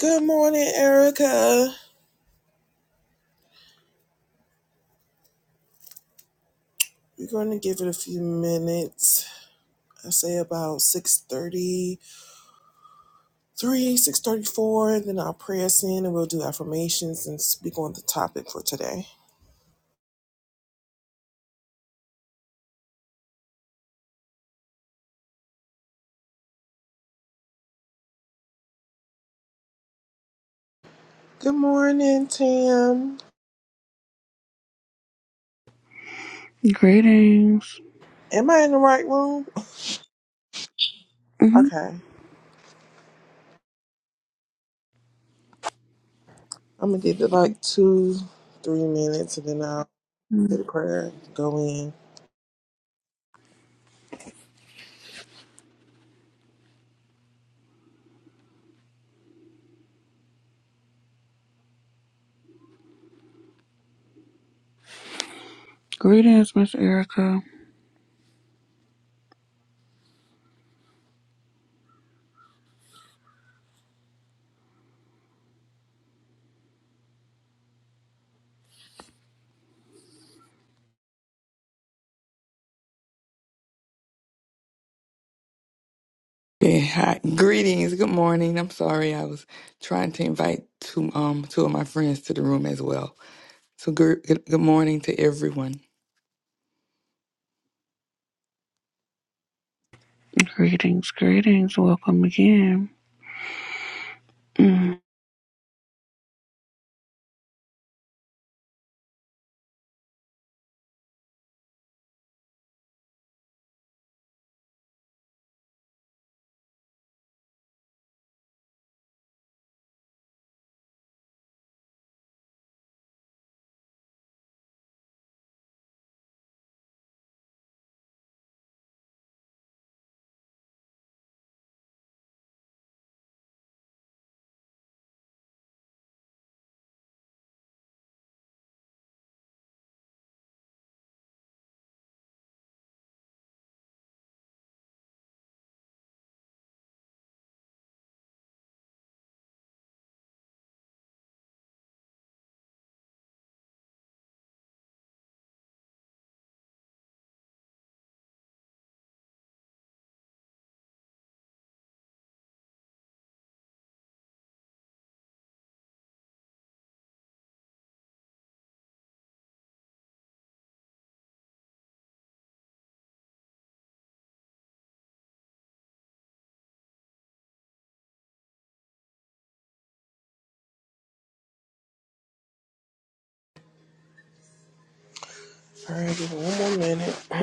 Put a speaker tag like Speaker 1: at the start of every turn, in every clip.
Speaker 1: Good morning, Erica. We're going to give it a few minutes. I say about 6.33, 6.34, then I'll pray us in and we'll do affirmations and speak on the topic for today. Good morning, Tam.
Speaker 2: Greetings.
Speaker 1: Am I in the right room?
Speaker 2: hmm
Speaker 1: Okay. I'm going to give it like two, three minutes and then I'll say the prayer, go in.
Speaker 2: Greetings, Miss Erica.
Speaker 3: Yeah, hi. Greetings. Good morning. I'm sorry. I was trying to invite two um two of my friends to the room as well. So good good, good morning to everyone.
Speaker 2: Greetings, greetings. Welcome again. Mm.
Speaker 1: All right, give it one more minute.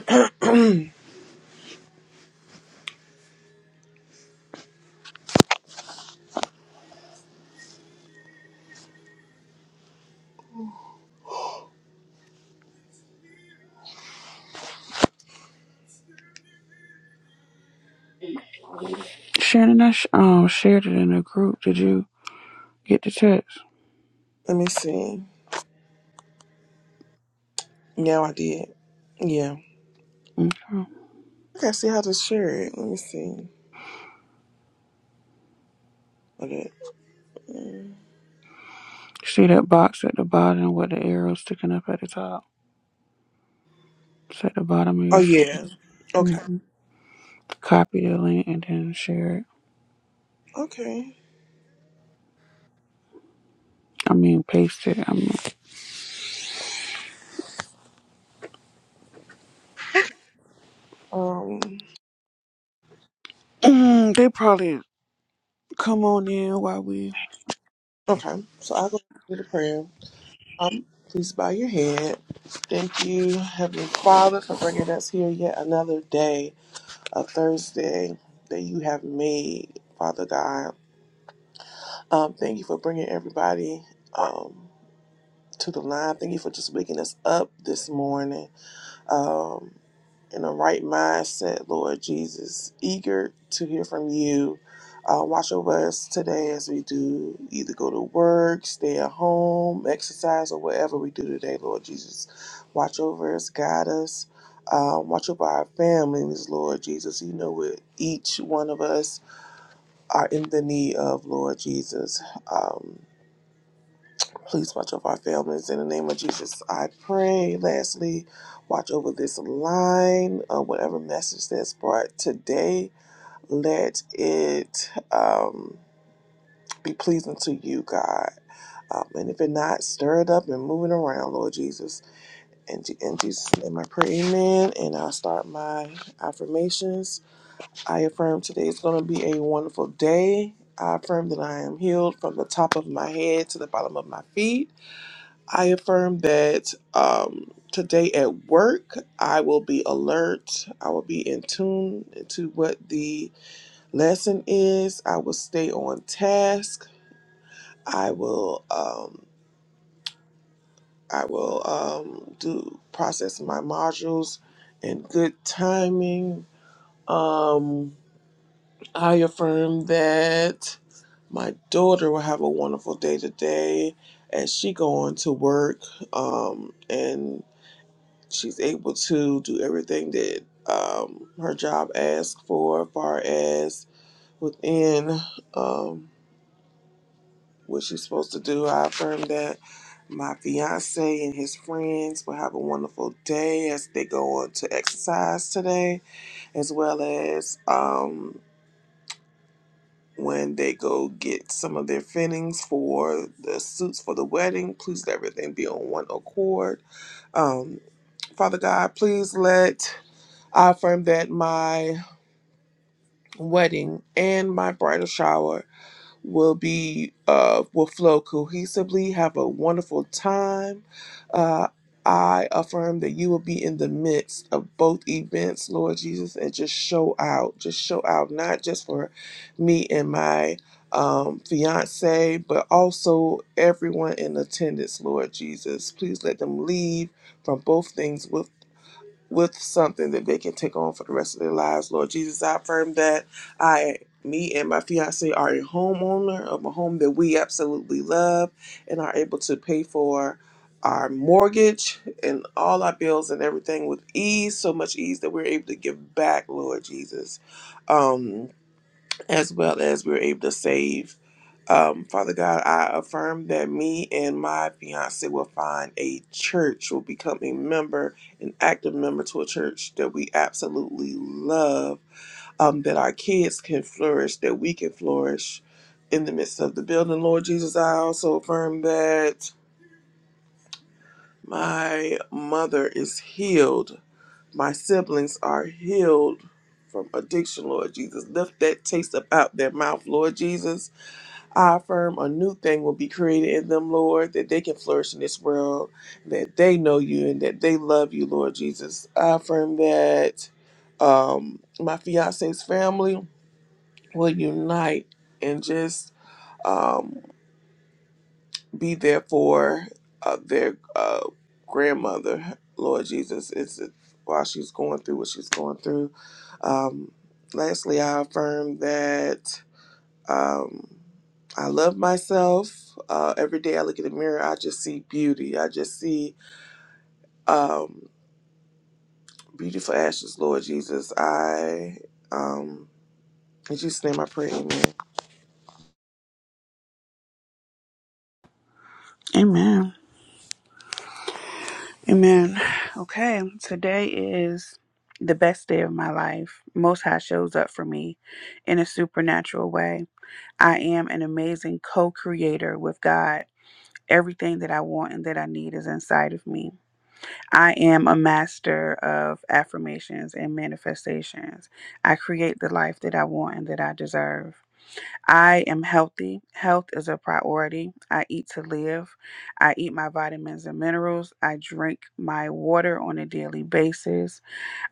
Speaker 2: Shannon, I sh- um, shared it in the group. Did you get the text?
Speaker 1: Let me see. Yeah, I did. Yeah.
Speaker 2: Okay.
Speaker 1: Okay, see how to share it. Let me see. Okay.
Speaker 2: See that box at the bottom with the arrow sticking up at the top? It's at the bottom of
Speaker 1: Oh
Speaker 2: your screen.
Speaker 1: yeah. Okay.
Speaker 2: Mhm. Copy the link and then share it.
Speaker 1: Okay.
Speaker 2: I mean, paste it. I mean,
Speaker 1: Um.
Speaker 2: they probably come on in while we.
Speaker 1: Okay. So I go to the prayer. Um. Please bow your head. Thank you, Heavenly Father, for bringing us here yet another day, a Thursday that you have made, Father God. Um. Thank you for bringing everybody. Um. To the line. Thank you for just waking us up this morning. Um. in a right mindset, Lord Jesus, eager to hear from you. Uh, watch over us today as we do either go to work, stay at home, exercise, or whatever we do today, Lord Jesus. Watch over us, guide us. Uh, watch over our families, Lord Jesus. You know what each one of us are in the need of, Lord Jesus. Um, Please watch over our families in the name of Jesus. I pray. Lastly, watch over this line. Uh, whatever message that's brought today, let it um, be pleasing to you, God. Um, and if it not, stir it up and move it around, Lord Jesus. And in Je- in Jesus' name, I pray. Amen. And I'll start my affirmations. I affirm today is going to be a wonderful day. I affirm that I am healed from the top of my head to the bottom of my feet. I affirm that um, today at work, I will be alert. I will be in tune to what the lesson is. I will stay on task. I will um, I will um, do process my modules in good timing. Um, I affirm that my daughter will have a wonderful day today as she going to work um, and She's able to do everything that um, her job asks for, as far as within um, what she's supposed to do. I affirm that my fiance and his friends will have a wonderful day as they go on to exercise today, as well as um, when they go get some of their fittings for the suits for the wedding. Please let everything be on one accord. Um, Father God, please let I affirm that my wedding and my bridal shower will be uh will flow cohesively have a wonderful time uh i affirm that you will be in the midst of both events lord jesus and just show out just show out not just for me and my um fiance but also everyone in attendance lord jesus please let them leave from both things with with something that they can take on for the rest of their lives. Lord Jesus, I affirm that I, me and my fiance are a homeowner of a home that we absolutely love and are able to pay for our mortgage and all our bills and everything with ease, so much ease that we're able to give back, Lord Jesus. Um, as well as we're able to save um, Father God, I affirm that me and my fiance will find a church, will become a member, an active member to a church that we absolutely love, um, that our kids can flourish, that we can flourish in the midst of the building. Lord Jesus, I also affirm that my mother is healed, my siblings are healed from addiction, Lord Jesus. Lift that taste up out their mouth, Lord Jesus I affirm a new thing will be created in them, Lord, that they can flourish in this world, that they know you and that they love you, Lord Jesus. I affirm that um, my fiance's family will unite and just um, be there for uh, their uh, grandmother, Lord Jesus, is it, while she's going through what she's going through. Um, lastly, I affirm that. Um, I love myself. Uh, every day I look in the mirror, I just see beauty. I just see um, beautiful ashes, Lord Jesus. I, um, in Jesus' name I pray, amen.
Speaker 2: Amen. Amen. Okay, today is the best day of my life. Most High shows up for me in a supernatural way. I am an amazing co creator with God. Everything that I want and that I need is inside of me. I am a master of affirmations and manifestations. I create the life that I want and that I deserve. I am healthy. Health is a priority. I eat to live. I eat my vitamins and minerals. I drink my water on a daily basis.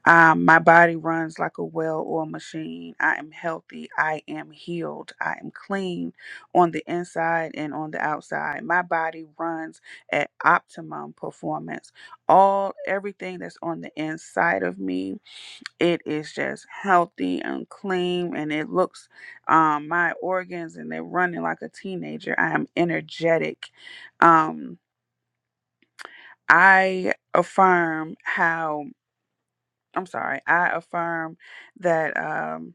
Speaker 2: Um, my body runs like a well oiled machine. I am healthy. I am healed. I am clean on the inside and on the outside. My body runs at optimum performance. All everything that's on the inside of me it is just healthy and clean and it looks um my organs and they're running like a teenager i am energetic um i affirm how i'm sorry i affirm that um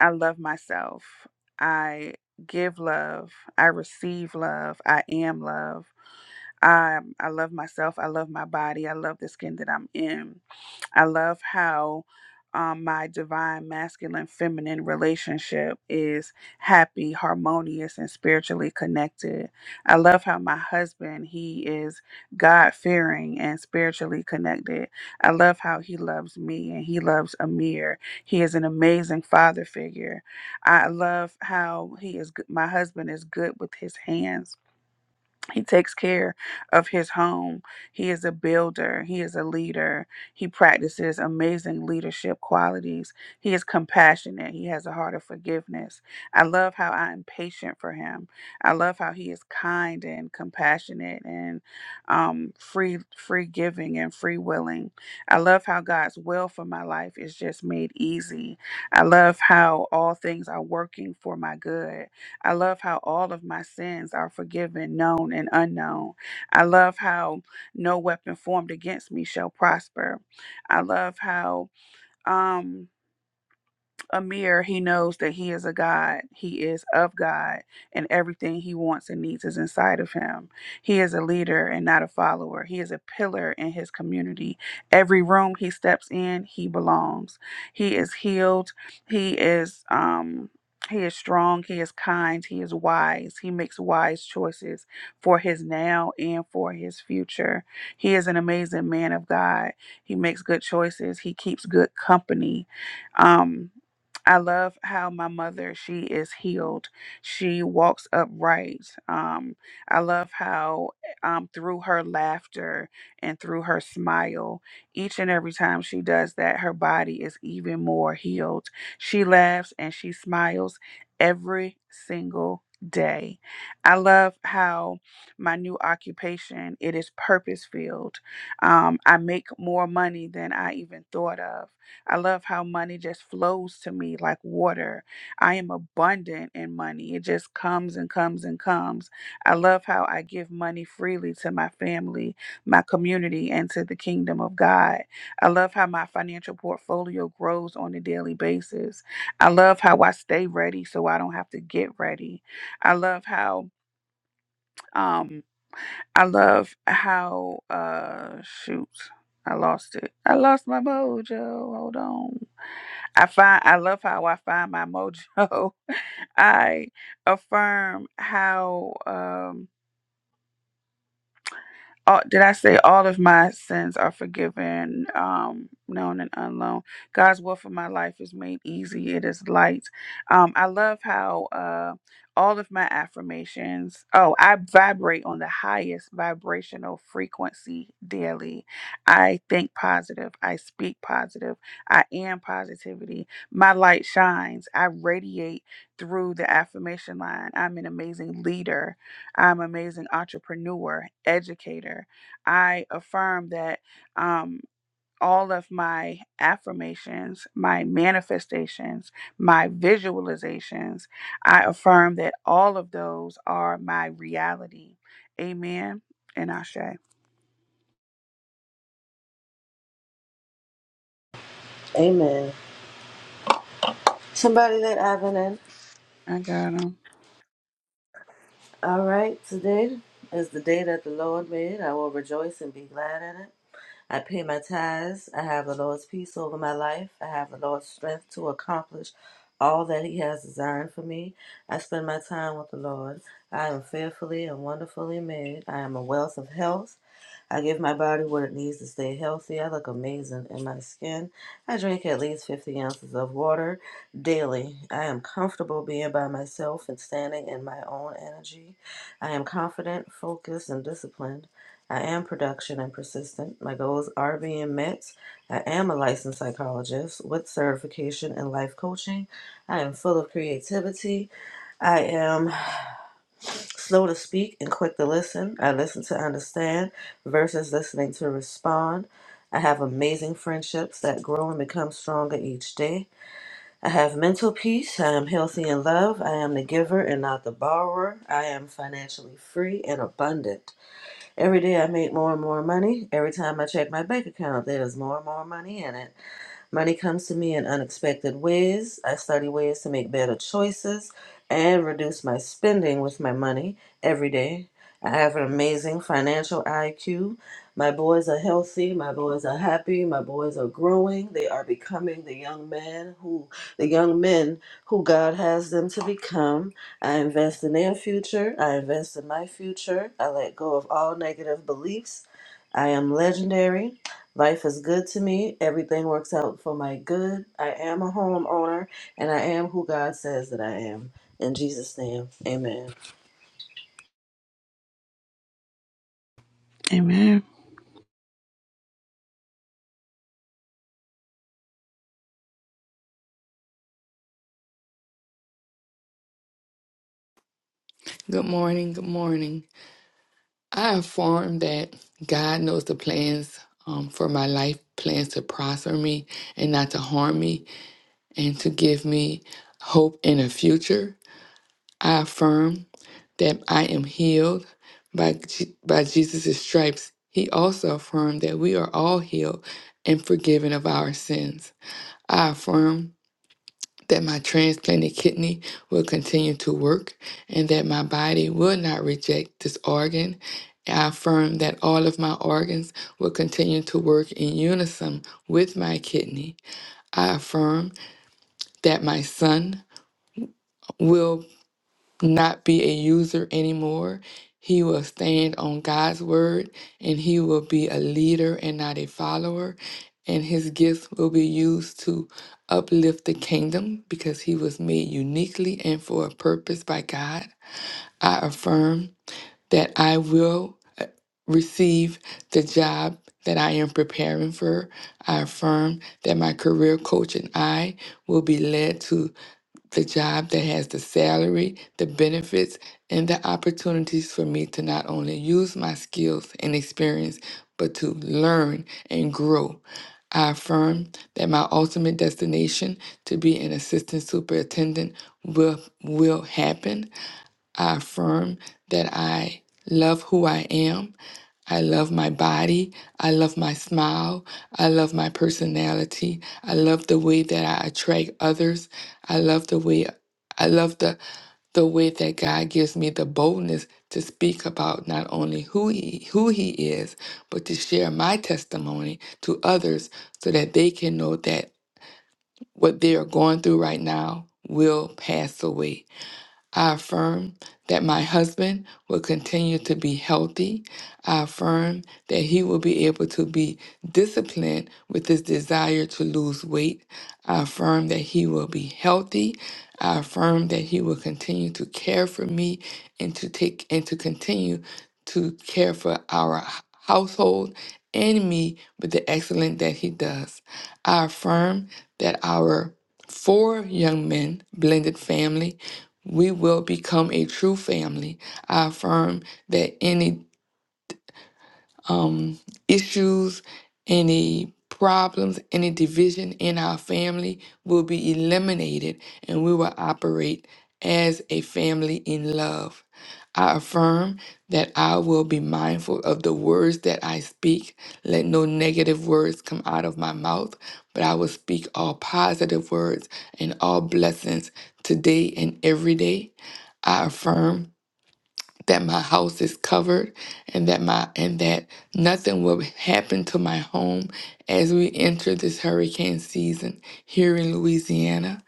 Speaker 2: i love myself i give love i receive love i am love i i love myself i love my body i love the skin that i'm in I love how um, my divine masculine feminine relationship is happy, harmonious, and spiritually connected. I love how my husband, he is God fearing and spiritually connected. I love how he loves me and he loves Amir. He is an amazing father figure. I love how he is, g- my husband is good with his hands he takes care of his home. He is a builder. He is a leader. He practices amazing leadership qualities. He is compassionate. He has a heart of forgiveness. I love how I am patient for him. I love how he is kind and compassionate and um, free, free giving and free willing. I love how God's will for my life is just made easy. I love how all things are working for my good. I love how all of my sins are forgiven, known and unknown. I love how no weapon formed against me shall prosper. I love how um Amir, he knows that he is a God. He is of God, and everything he wants and needs is inside of him. He is a leader and not a follower. He is a pillar in his community. Every room he steps in, he belongs. He is healed. He is um he is strong, he is kind, he is wise. He makes wise choices for his now and for his future. He is an amazing man of God. He makes good choices. He keeps good company. Um I love how my mother, she is healed. She walks upright. Um, I love how um, through her laughter and through her smile, each and every time she does that, her body is even more healed. She laughs and she smiles every single day. I love how my new occupation, it is purpose filled. Um, I make more money than I even thought of. I love how money just flows to me like water. I am abundant in money. It just comes and comes and comes. I love how I give money freely to my family, my community, and to the kingdom of God. I love how my financial portfolio grows on a daily basis. I love how I stay ready so I don't have to get ready. I love how um, I love how uh shoot, I lost it. I lost my mojo. Hold on. I find I love how I find my mojo. I affirm how Um all, did I say all of my sins are forgiven, um, known and unknown? God's will for my life is made easy. It is light. Um, I love how uh, all of my affirmations. Oh, I vibrate on the highest vibrational frequency daily. I think positive. I speak positive. I am positivity. My light shines. I radiate through the affirmation line. I'm an amazing leader. I'm an amazing entrepreneur, educator. I affirm that um, all of my affirmations, my manifestations, my visualizations, I affirm that all of those are my reality. Amen. And Ashe.
Speaker 4: Amen. Somebody let Ivan in.
Speaker 2: I got him.
Speaker 4: All right, today is the day that the Lord made. I will rejoice and be glad in it. I pay my tithes. I have the Lord's peace over my life. I have the Lord's strength to accomplish all that He has designed for me. I spend my time with the Lord. I am fearfully and wonderfully made. I am a wealth of health. I give my body what it needs to stay healthy. I look amazing in my skin. I drink at least 50 ounces of water daily. I am comfortable being by myself and standing in my own energy. I am confident, focused, and disciplined. I am production and persistent. My goals are being met. I am a licensed psychologist with certification in life coaching. I am full of creativity. I am Slow to speak and quick to listen. I listen to understand versus listening to respond. I have amazing friendships that grow and become stronger each day. I have mental peace. I am healthy in love. I am the giver and not the borrower. I am financially free and abundant. Every day I make more and more money. Every time I check my bank account, there's more and more money in it. Money comes to me in unexpected ways. I study ways to make better choices and reduce my spending with my money every day. I have an amazing financial IQ. My boys are healthy. My boys are happy. My boys are growing. They are becoming the young man who the young men who God has them to become. I invest in their future. I invest in my future. I let go of all negative beliefs. I am legendary. Life is good to me. Everything works out for my good. I am a homeowner and I am who God says that I am. In Jesus' name, amen.
Speaker 2: Amen.
Speaker 3: Good morning. Good morning. I affirm that God knows the plans um, for my life, plans to prosper me and not to harm me, and to give me hope in a future. I affirm that I am healed by, Je- by Jesus' stripes. He also affirmed that we are all healed and forgiven of our sins. I affirm that my transplanted kidney will continue to work and that my body will not reject this organ. I affirm that all of my organs will continue to work in unison with my kidney. I affirm that my son will not be a user anymore. He will stand on God's word and he will be a leader and not a follower. And his gifts will be used to uplift the kingdom because he was made uniquely and for a purpose by God. I affirm that I will receive the job that I am preparing for. I affirm that my career coach and I will be led to the job that has the salary, the benefits, and the opportunities for me to not only use my skills and experience, but to learn and grow. I affirm that my ultimate destination to be an assistant superintendent will will happen I affirm that I love who I am. I love my body. I love my smile. I love my personality. I love the way that I attract others. I love the way I love the the way that God gives me the boldness to speak about not only who he, who he is, but to share my testimony to others so that they can know that what they are going through right now will pass away. I affirm that my husband will continue to be healthy. I affirm that he will be able to be disciplined with his desire to lose weight. I affirm that he will be healthy. I affirm that he will continue to care for me and to take and to continue to care for our h- household and me with the excellence that he does. I affirm that our four young men blended family we will become a true family. I affirm that any um, issues, any problems, any division in our family will be eliminated and we will operate as a family in love. I affirm that I will be mindful of the words that I speak. Let no negative words come out of my mouth, but I will speak all positive words and all blessings today and every day. I affirm that my house is covered and that my and that nothing will happen to my home as we enter this hurricane season here in Louisiana.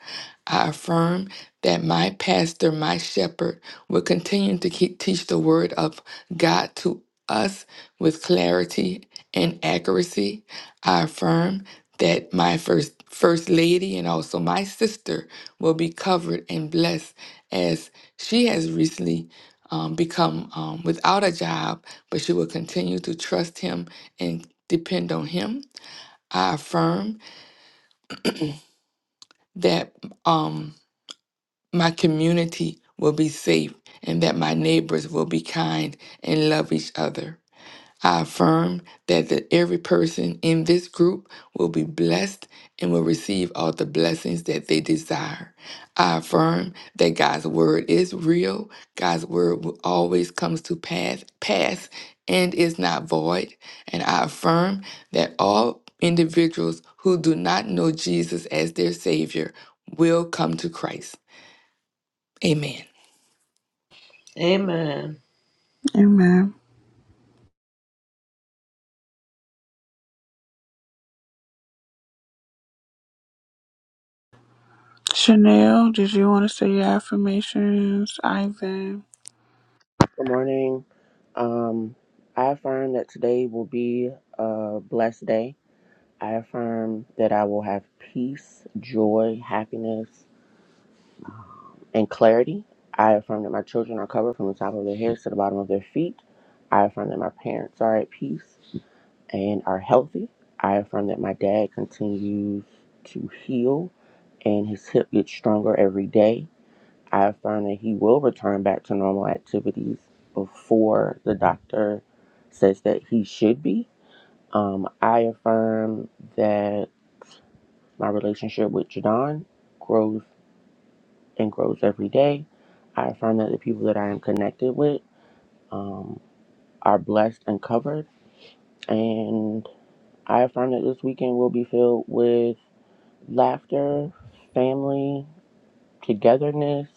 Speaker 3: I affirm that my pastor, my shepherd, will continue to keep, teach the word of God to us with clarity and accuracy. I affirm that my first first lady and also my sister will be covered and blessed as she has recently um, become um, without a job, but she will continue to trust him and depend on him. I affirm that um, my community will be safe and that my neighbors will be kind and love each other. I affirm that the, every person in this group will be blessed and will receive all the blessings that they desire. I affirm that God's word is real. God's word will always comes to pass, pass and is not void. And I affirm that all individuals who do not know Jesus as their Savior will come to Christ. Amen.
Speaker 4: Amen.
Speaker 2: Amen. Chanel, did you want to say your affirmations? Ivan.
Speaker 5: Good morning. Um, I affirm that today will be a blessed day. I affirm that I will have peace, joy, happiness, and clarity. I affirm that my children are covered from the top of their heads to the bottom of their feet. I affirm that my parents are at peace and are healthy. I affirm that my dad continues to heal and his hip gets stronger every day. I affirm that he will return back to normal activities before the doctor says that he should be. Um, I affirm that my relationship with Jadon grows and grows every day. I affirm that the people that I am connected with um, are blessed and covered. And I affirm that this weekend will be filled with laughter, family, togetherness,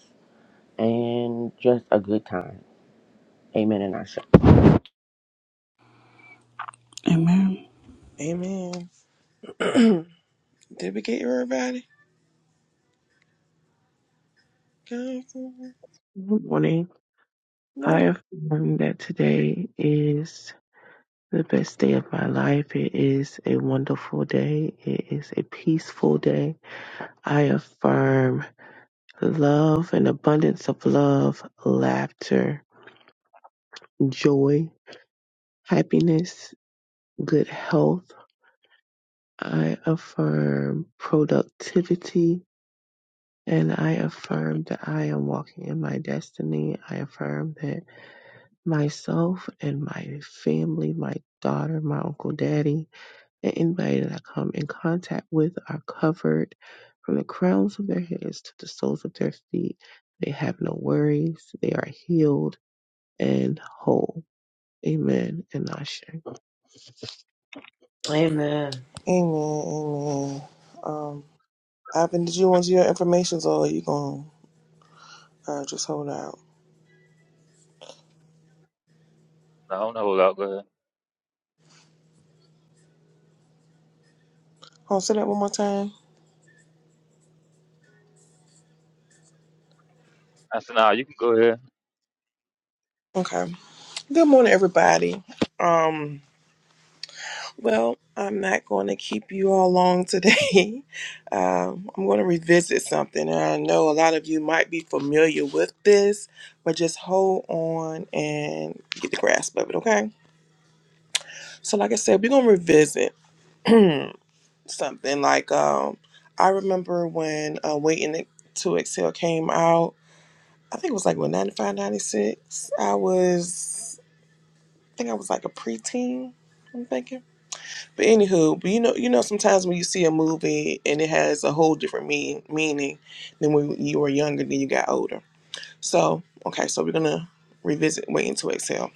Speaker 5: and just a good time. Amen and Asha.
Speaker 2: Amen.
Speaker 1: Amen. Did we get everybody? Good
Speaker 6: Good morning. I
Speaker 1: morning.
Speaker 6: have learned that today is the best day of my life. It is a wonderful day. It is a peaceful day. I affirm love and abundance of love, laughter, joy, happiness, good health. I affirm productivity and I affirm that I am walking in my destiny. I affirm that myself and my family, my daughter, my uncle, daddy, and anybody that I come in contact with are covered from the crowns of their heads to the soles of their feet. They have no worries. They are healed and whole. Amen and Ashe.
Speaker 4: Amen.
Speaker 1: Amen, amen. Um, Ivan, did you want your information or are you going to uh, just hold out?
Speaker 7: No, I don't know about go ahead.
Speaker 1: Hold on, say that one more time.
Speaker 7: I said, nah, you can go ahead.
Speaker 1: Okay. Good morning, everybody. Um, Well, I'm not going to keep you all long today. Um, I'm going to revisit something, and I know a lot of you might be familiar with this, but just hold on and get the grasp of it, okay? So, like I said, we're going to revisit something. Like, um, I remember when uh, Waiting to Exhale came out, I think it was like when 95, 96. I was, I think I was like a preteen, I'm thinking. But anywho, but you know, you know, sometimes when you see a movie and it has a whole different mean, meaning than when you were younger, than you got older. So okay, so we're gonna revisit Waiting to Exhale.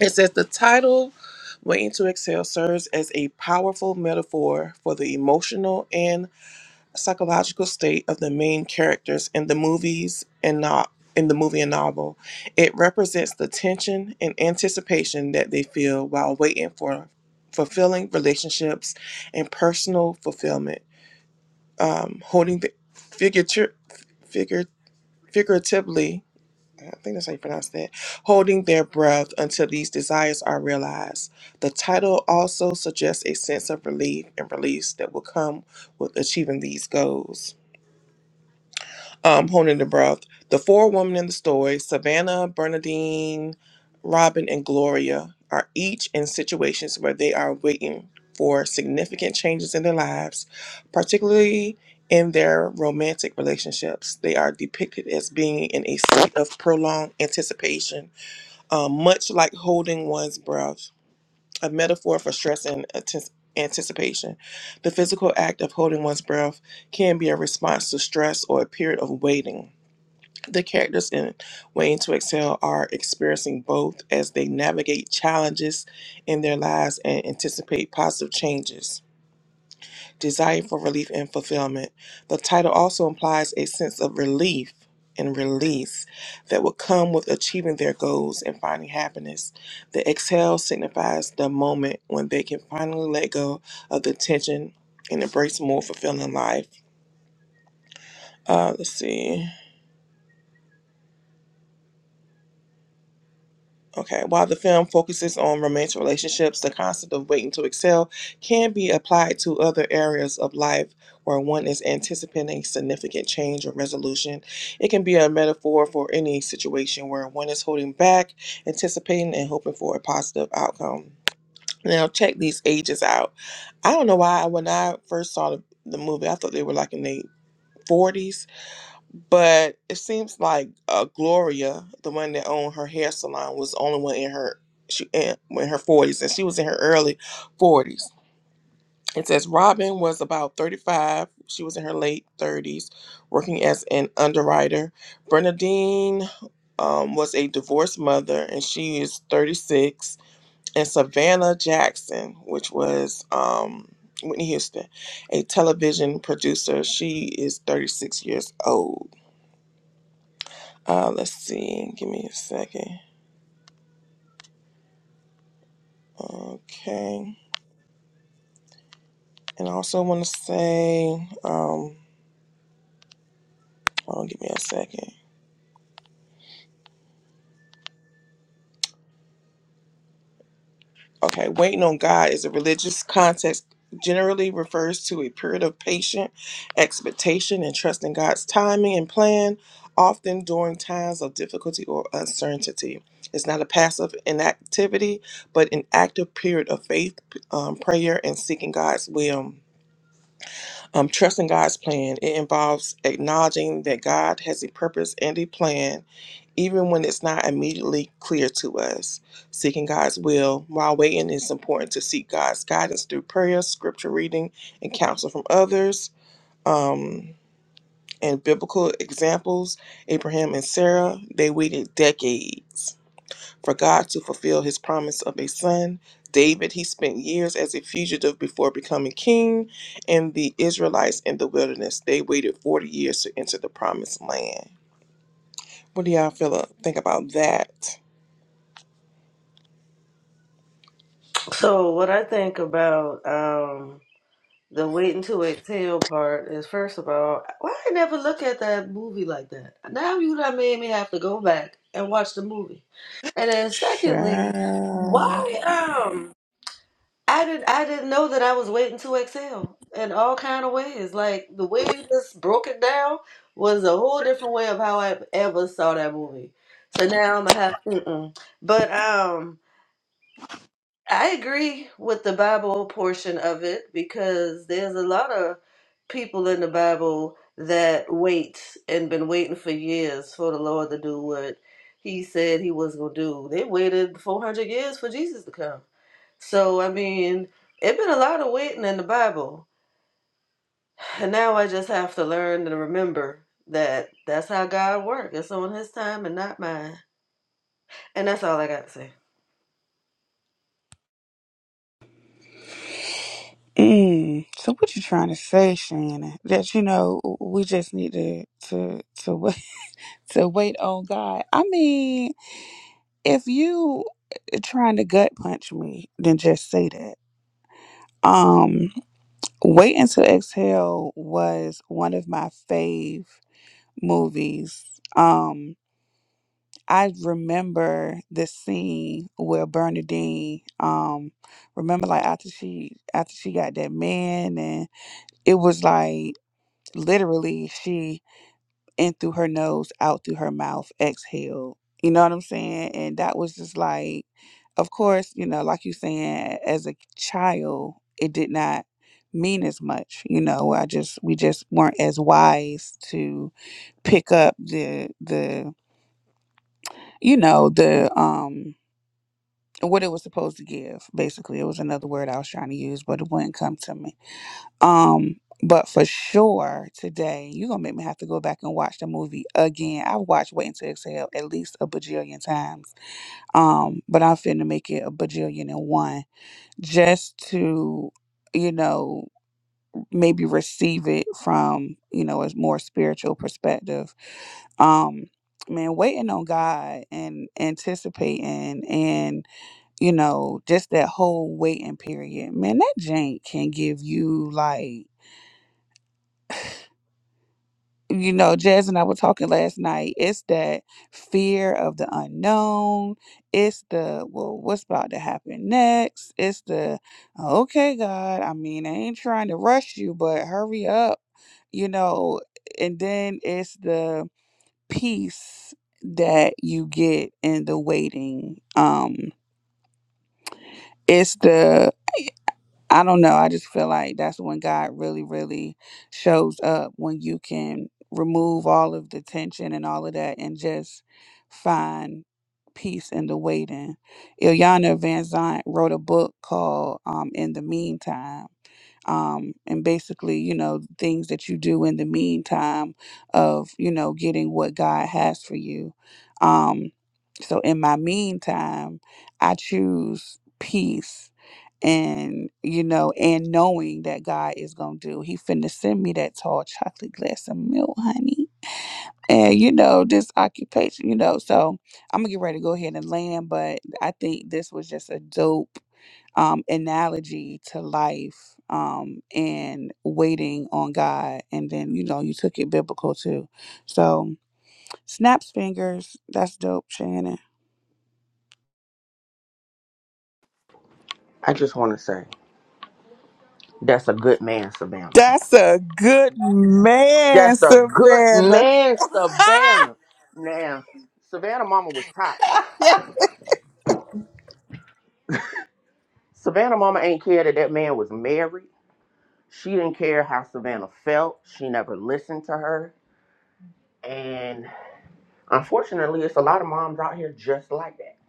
Speaker 1: It says the title Waiting to Exhale serves as a powerful metaphor for the emotional and psychological state of the main characters in the movies and not in the movie and novel. It represents the tension and anticipation that they feel while waiting for fulfilling relationships and personal fulfillment. Um, holding the figurative, figure, figuratively, I think that's how you pronounce that, holding their breath until these desires are realized. The title also suggests a sense of relief and release that will come with achieving these goals um, holding the breath. The four women in the story, Savannah, Bernadine, Robin, and Gloria, are each in situations where they are waiting for significant changes in their lives, particularly in their romantic relationships. They are depicted as being in a state of prolonged anticipation, um, much like holding one's breath, a metaphor for stress and antis- anticipation. The physical act of holding one's breath can be a response to stress or a period of waiting the characters in Waiting to Excel are experiencing both as they navigate challenges in their lives and anticipate positive changes. Desire for relief and fulfillment. The title also implies a sense of relief and release that will come with achieving their goals and finding happiness. The exhale signifies the moment when they can finally let go of the tension and embrace more fulfilling life. Uh, let's see. Okay, while the film focuses on romantic relationships, the concept of waiting to excel can be applied to other areas of life where one is anticipating significant change or resolution. It can be a metaphor for any situation where one is holding back, anticipating, and hoping for a positive outcome. Now, check these ages out. I don't know why when I first saw the, the movie, I thought they were like in their 40s but it seems like uh, Gloria, the one that owned her hair salon, was the only one in her she in, in her forties, and she was in her early forties. It says Robin was about thirty-five. She was in her late thirties, working as an underwriter. Bernadine um, was a divorced mother, and she is thirty-six. And Savannah Jackson, which was um, Whitney Houston, a television producer, she is thirty-six years old. Uh, let's see. Give me a second. Okay. And I also want to say, um, hold on, give me a second. Okay. Waiting on God is a religious context generally refers to a period of patient expectation and trust in God's timing and plan, often during times of difficulty or uncertainty. It's not a passive inactivity, but an active period of faith, um, prayer, and seeking God's will. Um, trusting God's plan. It involves acknowledging that God has a purpose and a plan, even when it's not immediately clear to us. Seeking God's will while waiting it's important to seek God's guidance through prayer, scripture reading, and counsel from others. Um, and biblical examples Abraham and Sarah, they waited decades for God to fulfill his promise of a son, David, he spent years as a fugitive before becoming king, and the Israelites in the wilderness, they waited 40 years to enter the promised land. What do y'all feel think about that?
Speaker 4: So, what I think about um, the waiting to exhale part is first of all, why I never look at that movie like that? Now you done made me have to go back and watch the movie. And then, secondly,
Speaker 2: Sure.
Speaker 4: why? um. I didn't I didn't know that I was waiting to exhale in all kind of ways. Like the way you just broke it down was a whole different way of how I ever saw that movie. So now I'm gonna have mm-mm. But um I agree with the Bible portion of it because there's a lot of people in the Bible that wait and been waiting for years for the Lord to do what he said he was gonna do. They waited 400 years for Jesus to come. So I mean, it been a lot of waiting in the Bible, and now I just have to learn and remember that that's how God works. It's on His time and not mine, and that's all I got to say.
Speaker 2: Mm. So what you trying to say, Shannon? That you know we just need to to to wait to wait on God. I mean, if you eh, trying to gut punch me, then just say that. Um, Wait Until Exhale was one of my fave movies. Um, I remember the scene where Bernadine, um, remember like after she after she got that man and it was like literally she in through her nose out through her mouth exhaled you know what i'm saying and that was just like of course you know like you saying as a child it did not mean as much you know i just we just weren't as wise to pick up the the you know the um what it was supposed to give basically it was another word i was trying to use but it wouldn't come to me Um, but for sure today, you're gonna make me have to go back and watch the movie again. I've watched Waiting to Exhale at least a bajillion times. Um, but I'm finna make it a bajillion and one just to, you know, maybe receive it from, you know, a more spiritual perspective. Um Man, waiting on God and anticipating and, you know, just that whole waiting period. Man, that jank can give you like you know, Jazz and I were talking last night. It's that fear of the unknown. It's the, well, what's about to happen next? It's the, okay, God, I mean, I ain't trying to rush you, but hurry up, you know. And then it's the peace that you get in the waiting. Um, it's the I don't know. I just feel like that's when God really, really shows up when you can remove all of the tension and all of that and just find peace in the waiting. Ilyana Van Zant wrote a book called um, In the Meantime um, and basically, you know, things that you do in the meantime of, you know, getting what God has for you. Um, so in my meantime, I choose peace and you know and knowing that god is gonna do he finna send me that tall chocolate glass of milk honey and you know this occupation you know so i'm gonna get ready to go ahead and land but i think this was just a dope um, analogy to life um, and waiting on God. And then, you know, you took it biblical too. So, snaps fingers. That's dope, Shannon.
Speaker 5: I just want to say. That's a good man, Savannah.
Speaker 2: That's a good man,
Speaker 5: That's a good
Speaker 2: Savannah.
Speaker 5: man, Savannah. Now, Savannah mama was toxic.
Speaker 2: yeah.
Speaker 5: Savannah mama ain't care that that man was married. She didn't care how Savannah felt. She never listened to her. And unfortunately, it's a lot of moms out here just like that.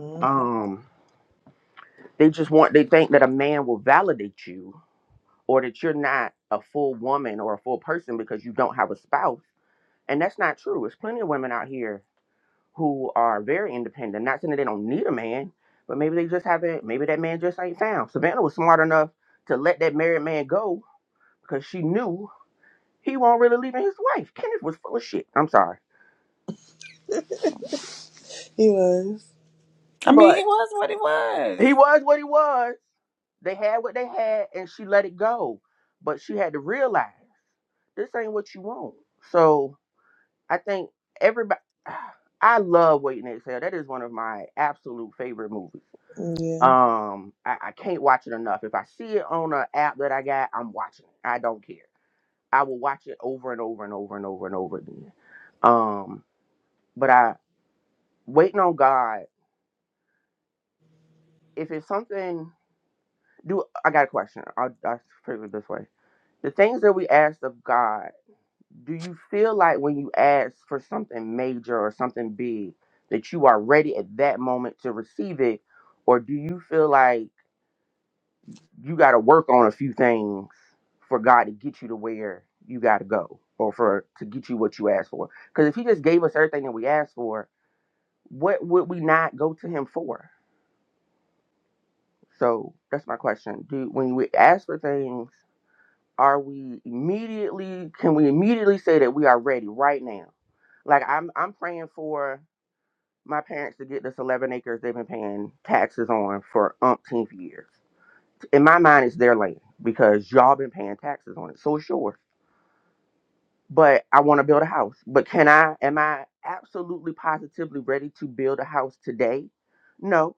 Speaker 1: Mhm.
Speaker 5: Um, they just want they think that a man will validate you or that you're not a full woman or a full person because you don't have a spouse. And that's not true. There's plenty of women out here who are very independent. Not saying that they don't need a man, but maybe they just haven't. Maybe that man just ain't found. Savannah was smart enough to let that married man go because she knew he won't really leaving his wife. Kenneth was full of shit. I'm sorry,
Speaker 1: He was,
Speaker 2: I mean,
Speaker 5: but
Speaker 2: he was what he was.
Speaker 5: he was what he was. They had what they had, and she let it go. But she had to realize this ain't what you want. So I think everybody. I love Waiting to Exhale. That is one of my absolute favorite movies.
Speaker 1: yeah.
Speaker 5: Um, I, I can't watch it enough. If I see it on an app that I got, I'm watching it. I don't care. I will watch it over and over and over and over and over again. Um, but I waiting on God. If it's something, do I got a question? I'll, I'll phrase it this way: the things that we ask of God, do you feel like when you ask for something major or something big, that you are ready at that moment to receive it, or do you feel like you got to work on a few things for God to get you to where you got to go or for to get you what you asked for. Because if He just gave us everything that we asked for, what would we not go to Him for? So that's my question. Do when we ask for things, are we immediately? Can we immediately say that we are ready right now? Like I'm, I'm praying for my parents to get this 11 acres they've been paying taxes on for umpteenth years. In my mind, it's their land because y'all been paying taxes on it, so it's yours. but I want to build a house. But can I, am I absolutely positively ready to build a house today? No.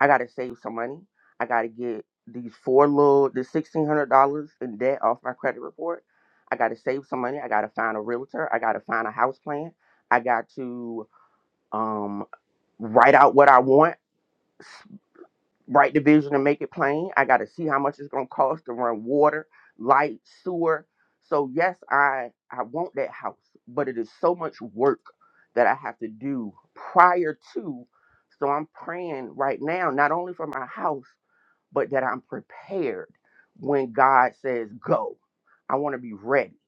Speaker 5: I got to save some money. I got to get these four little, the $1,600 in debt off my credit report. I got to save some money. I got to find a realtor. I got to find a house plan. I got to um, write out what I want, write the vision and make it plain. I got to see how much it's going to cost to run water, light, sewer. So yes, I I want that house, but it is so much work that I have to do prior to. So I'm praying right now, not only for my house, but that I'm prepared when God says go. I want to be ready.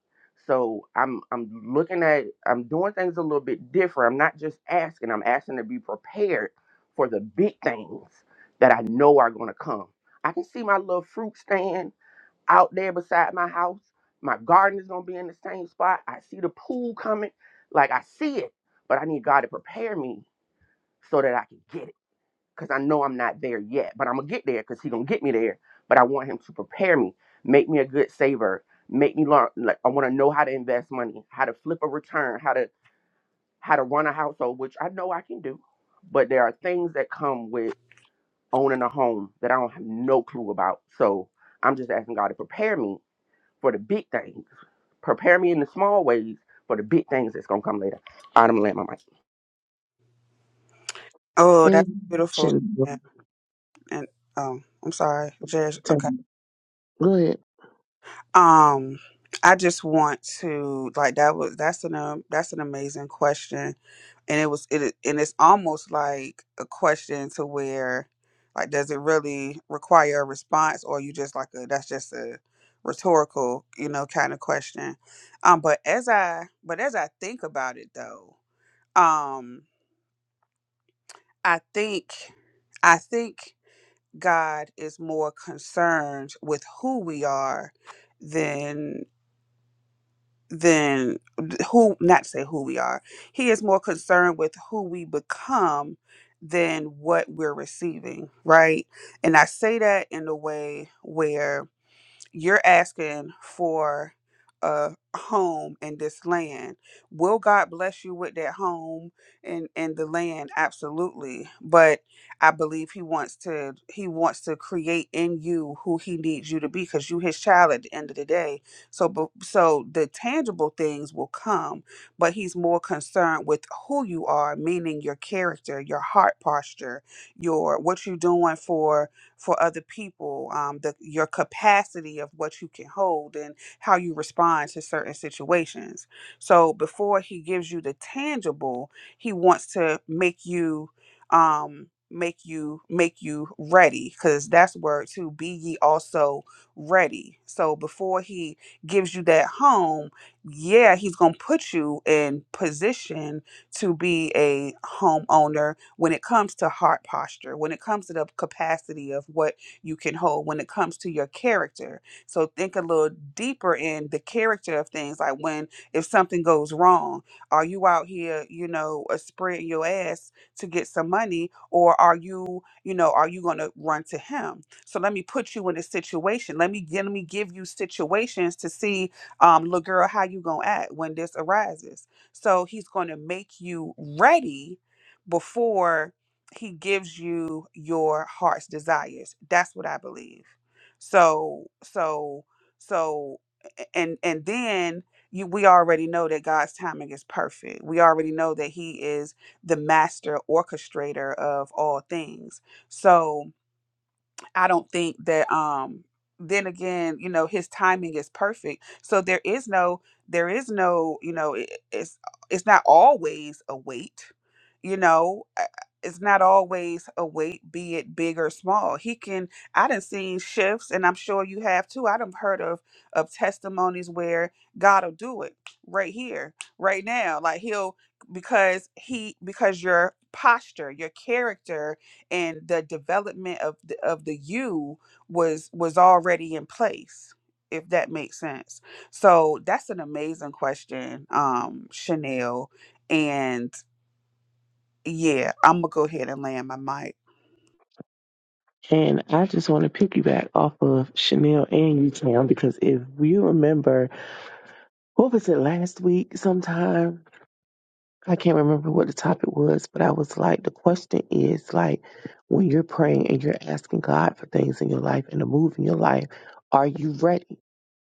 Speaker 5: So I'm I'm looking at I'm doing things a little bit different. I'm not just asking, I'm asking to be prepared for the big things that I know are going to come. I can see my little fruit stand out there beside my house. My garden is going to be in the same spot. I see the pool coming. Like I see it, but I need God to prepare me so that I can get it because I know I'm not there yet, but I'm gonna get there because he gonna get me there. But I want him to prepare me, make me a good saver, make me learn. Like I want to know how to invest money, how to flip a return, how to how to run a household, which I know I can do. But there are things that come with owning a home that I don't have no clue about. So I'm just asking God to prepare me for the big things, prepare me in the small ways for the big things that's gonna come later. i right, I'm gonna land my mic.
Speaker 2: Oh,
Speaker 6: And
Speaker 2: that's beautiful.
Speaker 6: Shan-
Speaker 2: Yeah. And oh, I'm sorry, Jez. Okay.
Speaker 6: Good.
Speaker 2: Um, I just want to like that was that's an um, that's an amazing question, and it was it and it's almost like a question to where like does it really require a response or you just like a that's just a rhetorical you know kind of question. Um, but as I but as I think about it though, um, I think I think God is more concerned with who we are than. than who not to say who we are he is more concerned with who we become than what we're receiving right and i say that in a way where you're asking for a home in this land. Will God bless you with that home and and the land? Absolutely. But I believe he wants to he wants to create in you who he needs you to be cuz you his child at the end of the day. So bu- so the tangible things will come, but he's more concerned with who you are, meaning your character, your heart posture, your what you're doing for for other people, um, the, your capacity of what you can hold and how you respond to certain situations. So before he gives you the tangible, he wants to make you um, make you make you ready because that's word to be ye also ready. So before he gives you that home, yeah, he's gonna put you in position to be a homeowner when it comes to heart posture, when it comes to the capacity of what you can hold, when it comes to your character. So think a little deeper in the character of things, like when if something goes wrong, are you out here, you know, uh, spreading your ass to get some money, or are you, you know, are you gonna run to him? So let me put you in a situation. Let me let me give you situations to see, um, little girl, how you gonna act when this arises so he's going to make you ready before he gives you your heart's desires. That's what I believe. So so so and and then you we already know that God's timing is perfect. We already know that he is the master orchestrator of all things. So I don't think that um then again, you know, his timing is perfect. So there is no there is no, you know, it, it's it's not always a wait, you know, uh, it's not always a wait, be it big or small. He can I done seen shifts and I'm sure you have too. I done heard of of testimonies where God'll do it right here, right now. Like he'll because he because your posture, your character, and the development of the, of the you was was already in place if that makes sense so that's an amazing question um chanel and yeah i'm gonna go ahead and land my mic
Speaker 6: And I just want to piggyback off of Chanel and U Town because if you remember, what was it last week sometime? I can't remember what the topic was, but I was like, the question is like, when you're praying and you're asking God for things in your life and to move in your life, are you ready?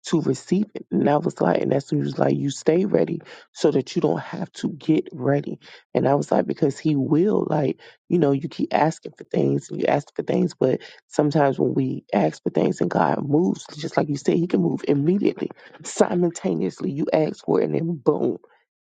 Speaker 6: to receive it. And I was like, and that's when he was like, you stay ready so that you don't have to get ready. And I was like, because he will, like, you know, you keep asking for things and you ask for things, but sometimes when we ask for things and God moves, just like you said, he can move immediately, simultaneously. You ask for it and then boom,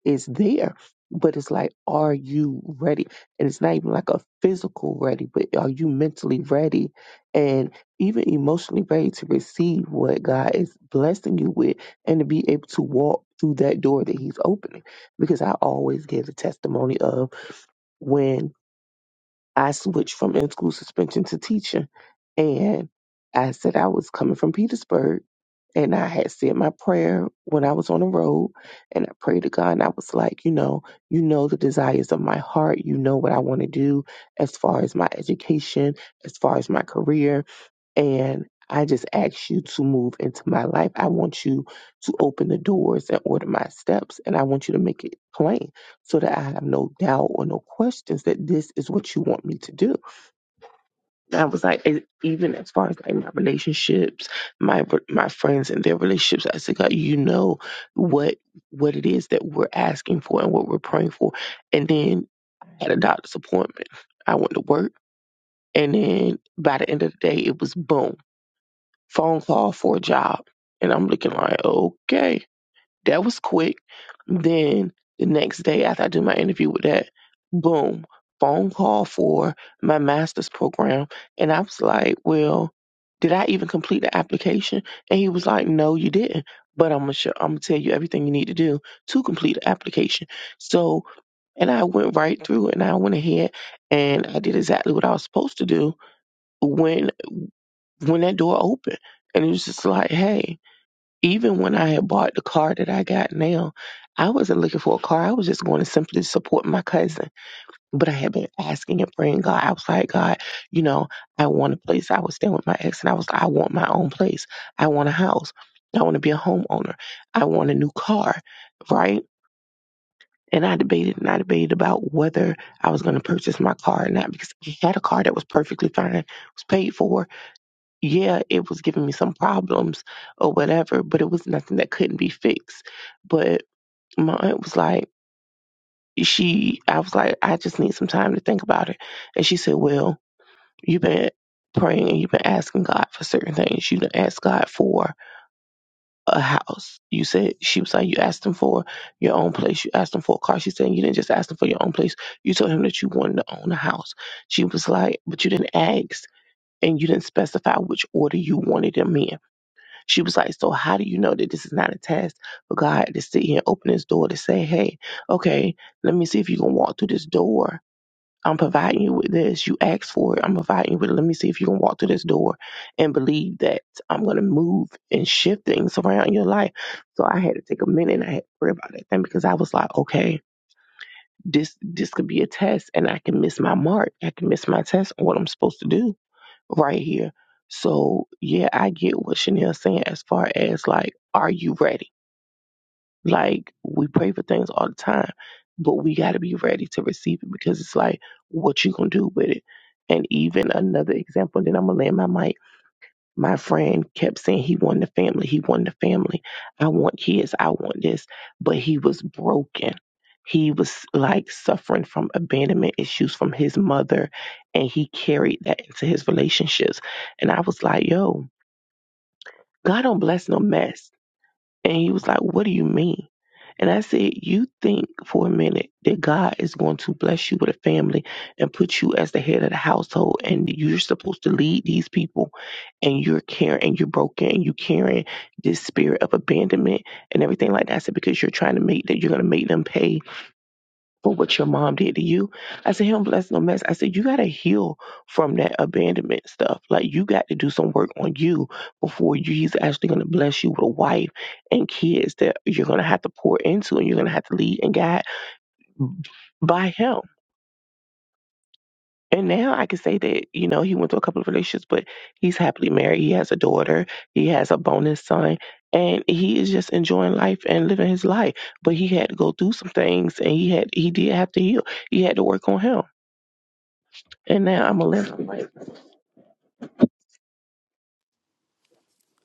Speaker 6: it's there. But it's like, are you ready? And it's not even like a physical ready, but are you mentally ready? And even emotionally ready to receive what God is blessing you with and to be able to walk through that door that He's opening. Because I always give a testimony of when I switched from in school suspension to teaching. And I said I was coming from Petersburg and I had said my prayer when I was on the road and I prayed to God and I was like, you know, you know the desires of my heart. You know what I want to do as far as my education, as far as my career and I just ask you to move into my life. I want you to open the doors and order my steps. And I want you to make it plain so that I have no doubt or no questions that this is what you want me to do. I was like, e- even as far as like my relationships, my my friends and their relationships, I said, God, you know what what it is that we're asking for and what we're praying for. And then at a doctor's appointment, I went to work. And then by the end of the day, it was boom phone call for a job. And I'm looking like, okay, that was quick. Then the next day after I do my interview with that, boom, phone call for my master's program. And I was like, well, did I even complete the application? And he was like, no, you didn't. But I'm gonna show, I'm gonna tell you everything you need to do to complete the application. So, and I went right through and I went ahead and I did exactly what I was supposed to do when when that door opened. And it was just like, hey, even when I had bought the car that I got now, I wasn't looking for a car. I was just going to simply support my cousin. But I had been asking and praying God. I was like, God, you know, I want a place. I was staying with my ex and I was like, I want my own place. I want a house. I want to be a homeowner. I want a new car. Right. And I debated and I debated about whether I was going to purchase my car or not because I had a car that was perfectly fine, was paid for, yeah, it was giving me some problems or whatever, but it was nothing that couldn't be fixed. But my aunt was like, she, I was like, I just need some time to think about it. And she said, well, you've been praying and you've been asking God for certain things. You done asked God for a house. You said, she was like, you asked him for your own place. You asked him for a car. She said, you didn't just ask him for your own place. You told him that you wanted to own a house. She was like, but you didn't ask and you didn't specify which order you wanted them in. She was like, So how do you know that this is not a test for God to sit here and open this door to say, Hey, okay, let me see if you can walk through this door. I'm providing you with this. You asked for it. I'm providing you with it. Let me see if you can walk through this door and believe that I'm going to move and shift things around in your life. So I had to take a minute and I had to pray about that thing because I was like, okay, this this could be a test and I can miss my mark. I can miss my test on what I'm supposed to do right here. So yeah, I get what Chanel's saying as far as like, are you ready? Like we pray for things all the time, but we gotta be ready to receive it because it's like what you gonna do with it. And even another example, then I'm gonna land my mic my friend kept saying he wanted a family, he wanted a family. I want kids, I want this. But he was broken. He was like suffering from abandonment issues from his mother, and he carried that into his relationships. And I was like, yo, God don't bless no mess. And he was like, What do you mean? And I said, You think for a minute that God is going to bless you with a family and put you as the head of the household and you're supposed to lead these people and you're caring and you're broken and you're carrying this spirit of abandonment and everything like that. I said, Because you're trying to make that you're gonna make them pay for what your mom did to you. I said, Him bless no mess. I said, You gotta heal from that abandonment stuff. Like you got to do some work on you before you he's actually gonna bless you with a wife and kids that you're gonna have to pour into and you're gonna have to lead and guide by him. And now I can say that, you know, he went through a couple of relationships, but he's happily married. He has a daughter, he has a bonus son, and he is just enjoying life and living his life. But he had to go through some things and he had he did have to heal. He had to work on him. And now I'm a left and right.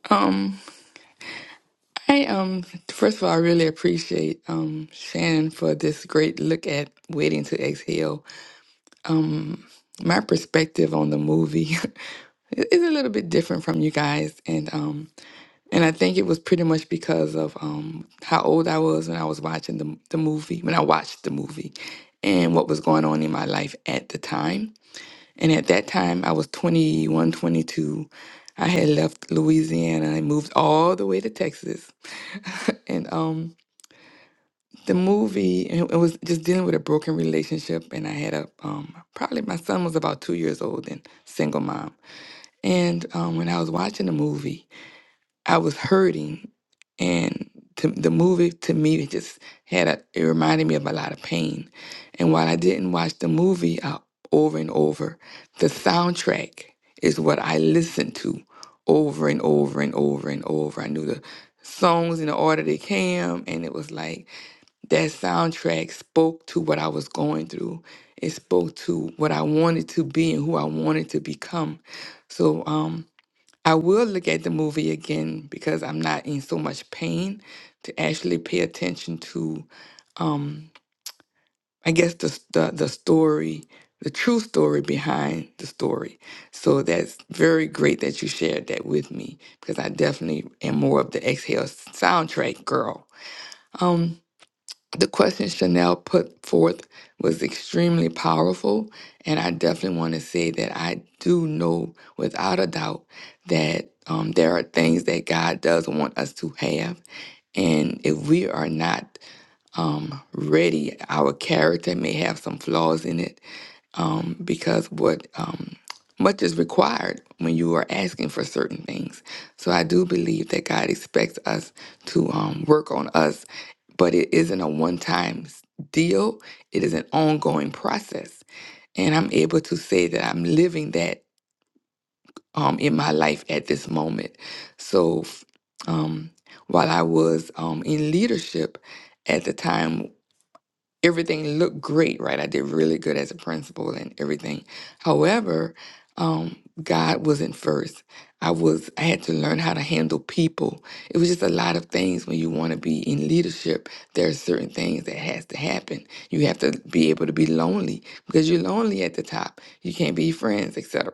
Speaker 3: Um, Hey, um, first of all, I really appreciate um Shannon for this great look at Waiting to Exhale. My perspective on the movie is a little bit different from you guys, and um, and I think it was pretty much because of um how old I was when I was watching the the movie when I watched the movie, and what was going on in my life at the time. And at that time, I was 21, 22. I had left Louisiana and moved all the way to Texas, and um. the movie and it was just dealing with a broken relationship and i had a um, probably my son was about two years old and single mom and um, when i was watching the movie i was hurting and to, the movie to me it just had a, it reminded me of a lot of pain and while i didn't watch the movie uh, over and over the soundtrack is what i listened to over and over and over and over i knew the songs in the order they came and it was like that soundtrack spoke to what I was going through. It spoke to what I wanted to be and who I wanted to become. So um, I will look at the movie again because I'm not in so much pain to actually pay attention to, um, I guess, the, the, the story, the true story behind the story. So that's very great that you shared that with me because I definitely am more of the Exhale soundtrack girl. Um, the question Chanel put forth was extremely powerful. And I definitely want to say that I do know without a doubt that um, there are things that God does want us to have. And if we are not um, ready, our character may have some flaws in it um, because what um, much is required when you are asking for certain things. So I do believe that God expects us to um, work on us but it isn't a one time deal. It is an ongoing process. And I'm able to say that I'm living that um, in my life at this moment. So f- um, while I was um, in leadership at the time, everything looked great, right? I did really good as a principal and everything. However, um, God wasn't first. I was I had to learn how to handle people. It was just a lot of things when you want to be in leadership. There are certain things that has to happen. You have to be able to be lonely because you're lonely at the top. You can't be friends, etc.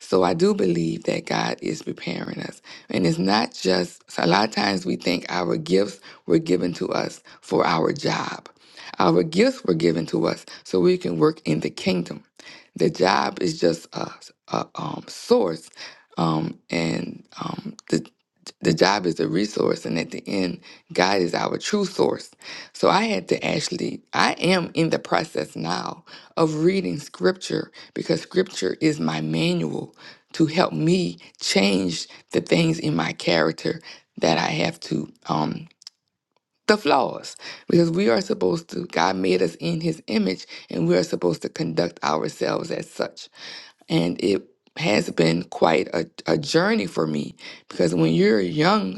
Speaker 3: So I do believe that God is preparing us. And it's not just so a lot of times we think our gifts were given to us for our job our gifts were given to us so we can work in the kingdom. The job is just a, a um, source, um, and um, the the job is a resource, and at the end, God is our true source. So I had to actually, I am in the process now of reading scripture because scripture is my manual to help me change the things in my character that I have to. Um, the flaws because we are supposed to god made us in his image and we are supposed to conduct ourselves as such and it has been quite a, a journey for me because when you're young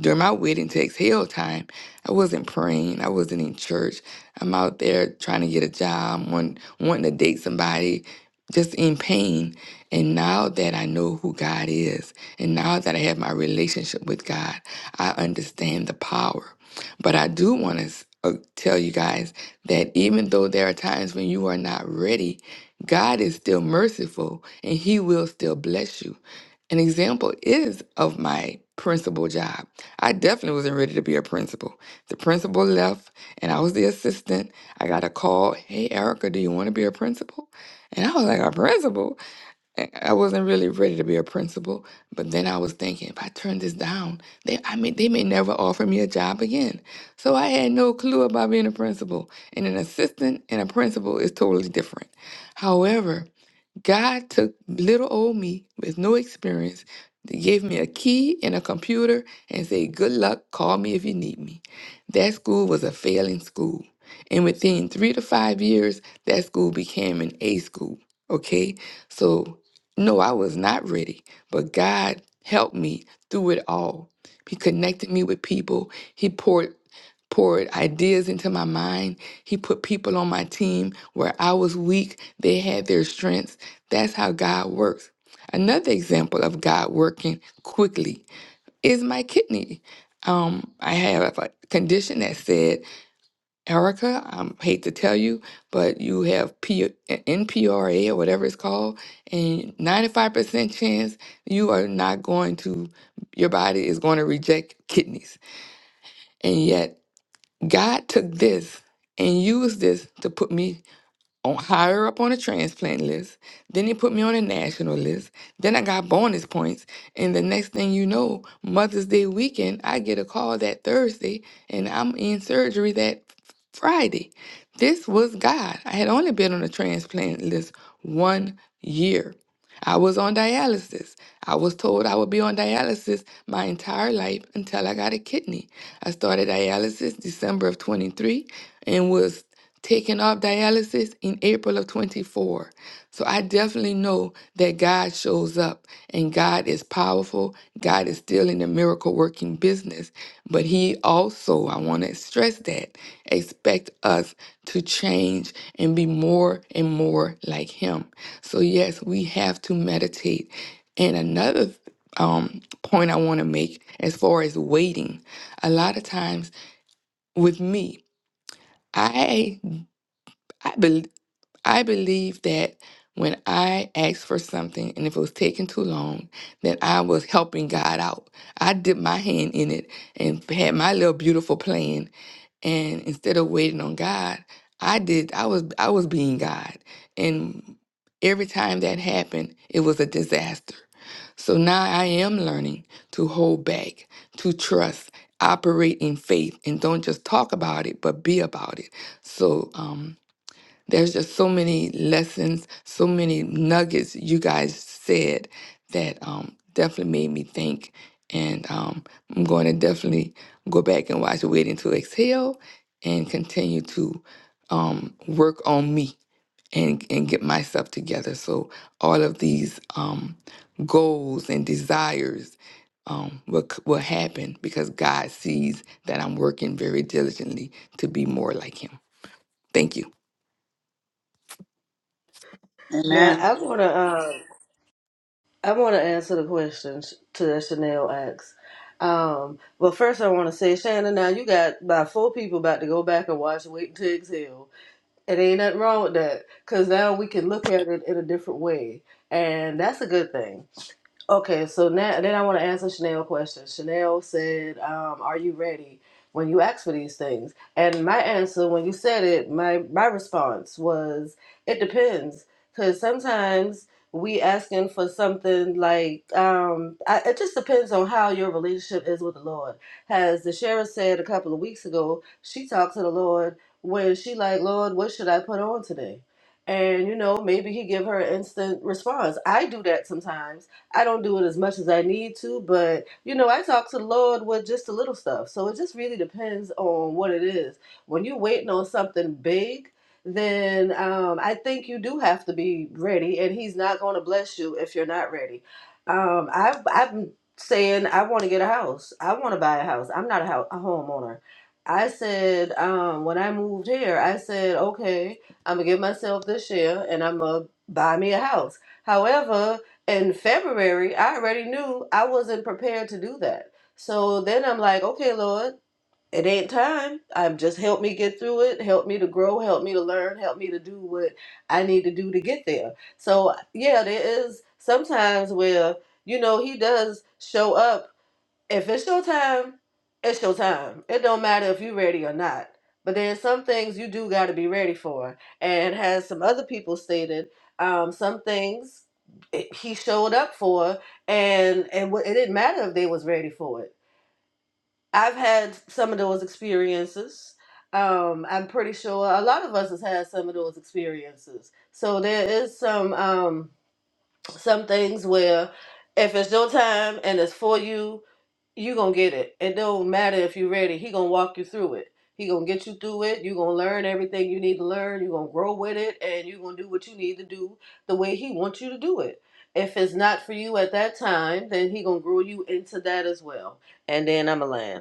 Speaker 3: during my wedding to exhale time, I wasn't praying. I wasn't in church. I'm out there trying to get a job, want, wanting to date somebody, just in pain. And now that I know who God is, and now that I have my relationship with God, I understand the power. But I do want to tell you guys that even though there are times when you are not ready, God is still merciful and He will still bless you. An example is of my principal job. I definitely wasn't ready to be a principal. The principal left and I was the assistant. I got a call, hey, Erica, do you want to be a principal? And I was like, a principal? And I wasn't really ready to be a principal. But then I was thinking, if I turn this down, they, I mean, they may never offer me a job again. So I had no clue about being a principal. And an assistant and a principal is totally different. However, God took little old me with no experience, gave me a key and a computer, and said, Good luck, call me if you need me. That school was a failing school. And within three to five years, that school became an A school. Okay? So, no, I was not ready, but God helped me through it all. He connected me with people, He poured poured ideas into my mind. He put people on my team where I was weak. They had their strengths. That's how God works. Another example of God working quickly is my kidney. Um, I have a condition that said, Erica, I hate to tell you, but you have P- NPRA or whatever it's called, and 95% chance you are not going to, your body is going to reject kidneys. And yet, God took this and used this to put me on higher up on the transplant list. Then they put me on a national list. Then I got bonus points. And the next thing you know, Mother's Day weekend, I get a call that Thursday and I'm in surgery that f- Friday. This was God. I had only been on the transplant list one year. I was on dialysis. I was told I would be on dialysis my entire life until I got a kidney. I started dialysis December of 23 and was taken off dialysis in April of 24. So I definitely know that God shows up and God is powerful. God is still in the miracle working business. But He also, I want to stress that, expect us to change and be more and more like Him. So, yes, we have to meditate. And another um, point I want to make as far as waiting, a lot of times with me, I I believe. I believe that when I asked for something and if it was taking too long, then I was helping God out. I did my hand in it and had my little beautiful plan. And instead of waiting on God, I did I was I was being God. And every time that happened, it was a disaster. So now I am learning to hold back, to trust, operate in faith, and don't just talk about it, but be about it. So um there's just so many lessons, so many nuggets you guys said that um, definitely made me think. And um, I'm going to definitely go back and watch Waiting to Exhale and continue to um, work on me and, and get myself together. So, all of these um, goals and desires um, will, c- will happen because God sees that I'm working very diligently to be more like Him. Thank you.
Speaker 4: Now
Speaker 2: Amen.
Speaker 4: I wanna, um, I wanna answer the questions to that Chanel asked. Um, but first I wanna say, Shannon, now you got about four people about to go back and watch Waiting to Exhale. It ain't nothing wrong with that, cause now we can look at it in a different way, and that's a good thing. Okay, so now then I want to answer Chanel's question. Chanel said, um, "Are you ready?" When you ask for these things, and my answer when you said it, my my response was, "It depends," because sometimes we asking for something like um, I, it just depends on how your relationship is with the Lord. As the sheriff said a couple of weeks ago, she talked to the Lord when she like, "Lord, what should I put on today?" And you know, maybe he give her an instant response. I do that sometimes I don't do it as much as I need to, but you know, I talk to the Lord with just the little stuff. So it just really depends on what it is. When you're waiting on something big, then um, I think you do have to be ready, and He's not going to bless you if you're not ready. Um, I've, I've been saying I want to get a house. I want to buy a house. I'm not a, house, a homeowner. I said um, when I moved here, I said, okay, I'm gonna give myself this year, and I'm gonna buy me a house. However, in February, I already knew I wasn't prepared to do that. So then I'm like, okay, Lord, it ain't time. Um, just help me get through it. Help me to grow. Help me to learn. Help me to do what I need to do to get there. So yeah, there is sometimes where you know He does show up if it's your time, it's your time. It don't matter if you're ready or not. But there's some things you do got to be ready for. And as some other people stated, um, some things it- he showed up for, and and wa- it didn't matter if they was ready for it. I've had some of those experiences. Um, I'm pretty sure a lot of us has had some of those experiences. So there is some um, some things where if it's your time and it's for you, you gonna get it. It don't matter if you're ready. He gonna walk you through it. He gonna get you through it. You gonna learn everything you need to learn. You gonna grow with it, and you gonna do what you need to do the way he wants you to do it. If it's not for you at that time, then he gonna grow you into that as well. And then I'm a land.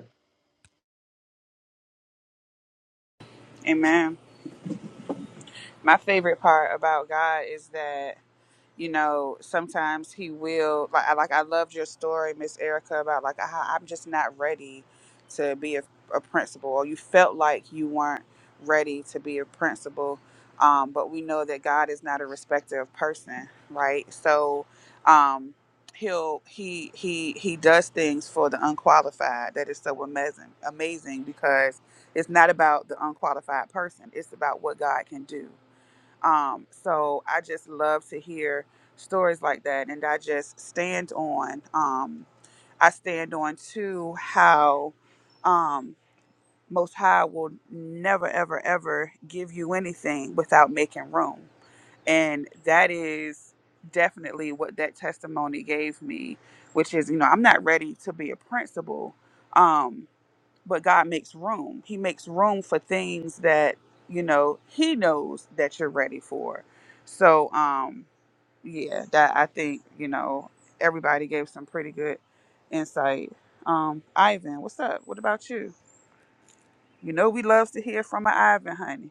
Speaker 2: Amen. My favorite part about God is that you know, sometimes he will like I like I loved your story, Miss Erica, about like how I'm just not ready to be a, a principal, or you felt like you weren't ready to be a principal. Um, but we know that God is not a respecter of person, right? So um, he'll he he he does things for the unqualified. That is so amazing, amazing because it's not about the unqualified person. It's about what God can do um, so I just love to hear stories like that, and I just stand on. Um, I stand on to how um, Most High will never, ever, ever give you anything without making room, and that is definitely what that testimony gave me, which is you know I'm not ready to be a principal. Um, but God makes room. He makes room for things that, you know, he knows that you're ready for. So, um, yeah, that I think, you know, everybody gave some pretty good insight. Um, Ivan, what's up? What about you? You know we love to hear from an Ivan, honey.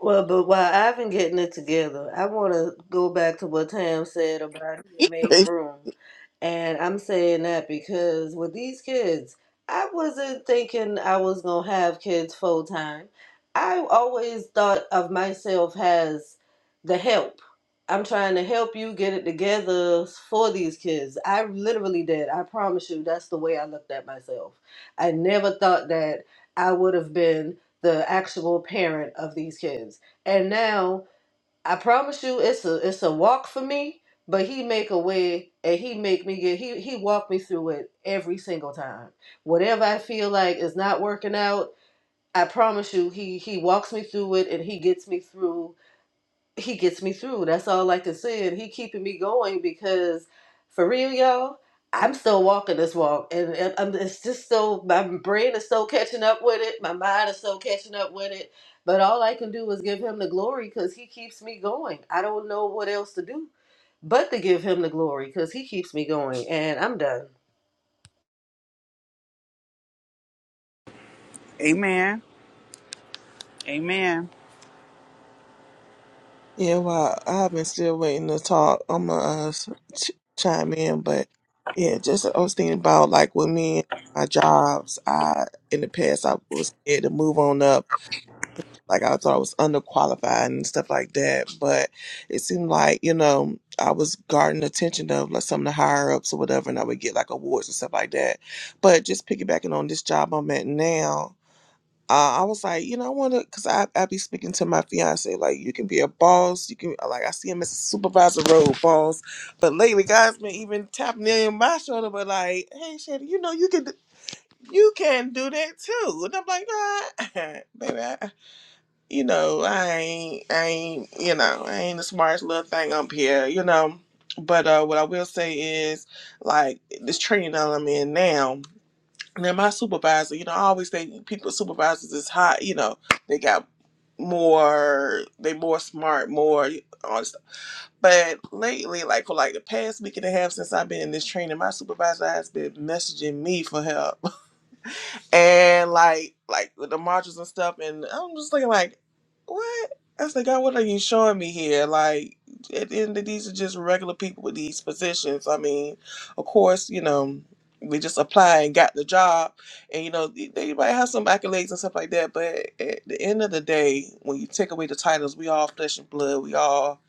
Speaker 4: Well, but while I've been getting it together, I want to go back to what Tam said about to make room. And I'm saying that because with these kids, I wasn't thinking I was going to have kids full time. I always thought of myself as the help. I'm trying to help you get it together for these kids. I literally did. I promise you, that's the way I looked at myself. I never thought that I would have been the actual parent of these kids. And now I promise you it's a it's a walk for me, but he make a way and he make me get he he walk me through it every single time. Whatever I feel like is not working out, I promise you he he walks me through it and he gets me through he gets me through. That's all I can say. And he keeping me going because for real, y'all, I'm still walking this walk. And, and I'm, it's just so, my brain is so catching up with it. My mind is so catching up with it. But all I can do is give him the glory because he keeps me going. I don't know what else to do but to give him the glory because he keeps me going. And I'm done.
Speaker 2: Amen. Amen.
Speaker 1: Yeah, well, I've been still waiting to talk. I'm gonna uh, s- ch- chime in, but yeah, just I was thinking about like with me and my jobs. I in the past I was scared to move on up Like I thought I was underqualified and stuff like that. But it seemed like, you know, I was guarding the attention of like some of the higher ups or whatever and I would get like awards and stuff like that. But just piggybacking on this job I'm at now, uh, I was like, you know, I want to, because I, I be speaking to my fiance, like, you can be a boss. You can, like, I see him as a supervisor role boss. But lately, guys been even tapping in my shoulder, but like, hey, Shannon, you know, you can, you can do that too. And I'm like, nah, baby, I, you know, I ain't, I ain't, you know, I ain't the smartest little thing up here, you know. But uh, what I will say is, like, this training that I'm in now, now my supervisor, you know, I always think people supervisors is hot, you know, they got more, they more smart, more all this stuff. But lately, like for like the past week and a half since I've been in this training, my supervisor has been messaging me for help and like like with the marches and stuff and i'm just thinking like what i was like god what are you showing me here like at the end of these are just regular people with these positions i mean of course you know they just apply and got the job and you know they, they might have some accolades and stuff like that but at the end of the day when you take away the titles we all flesh and blood we all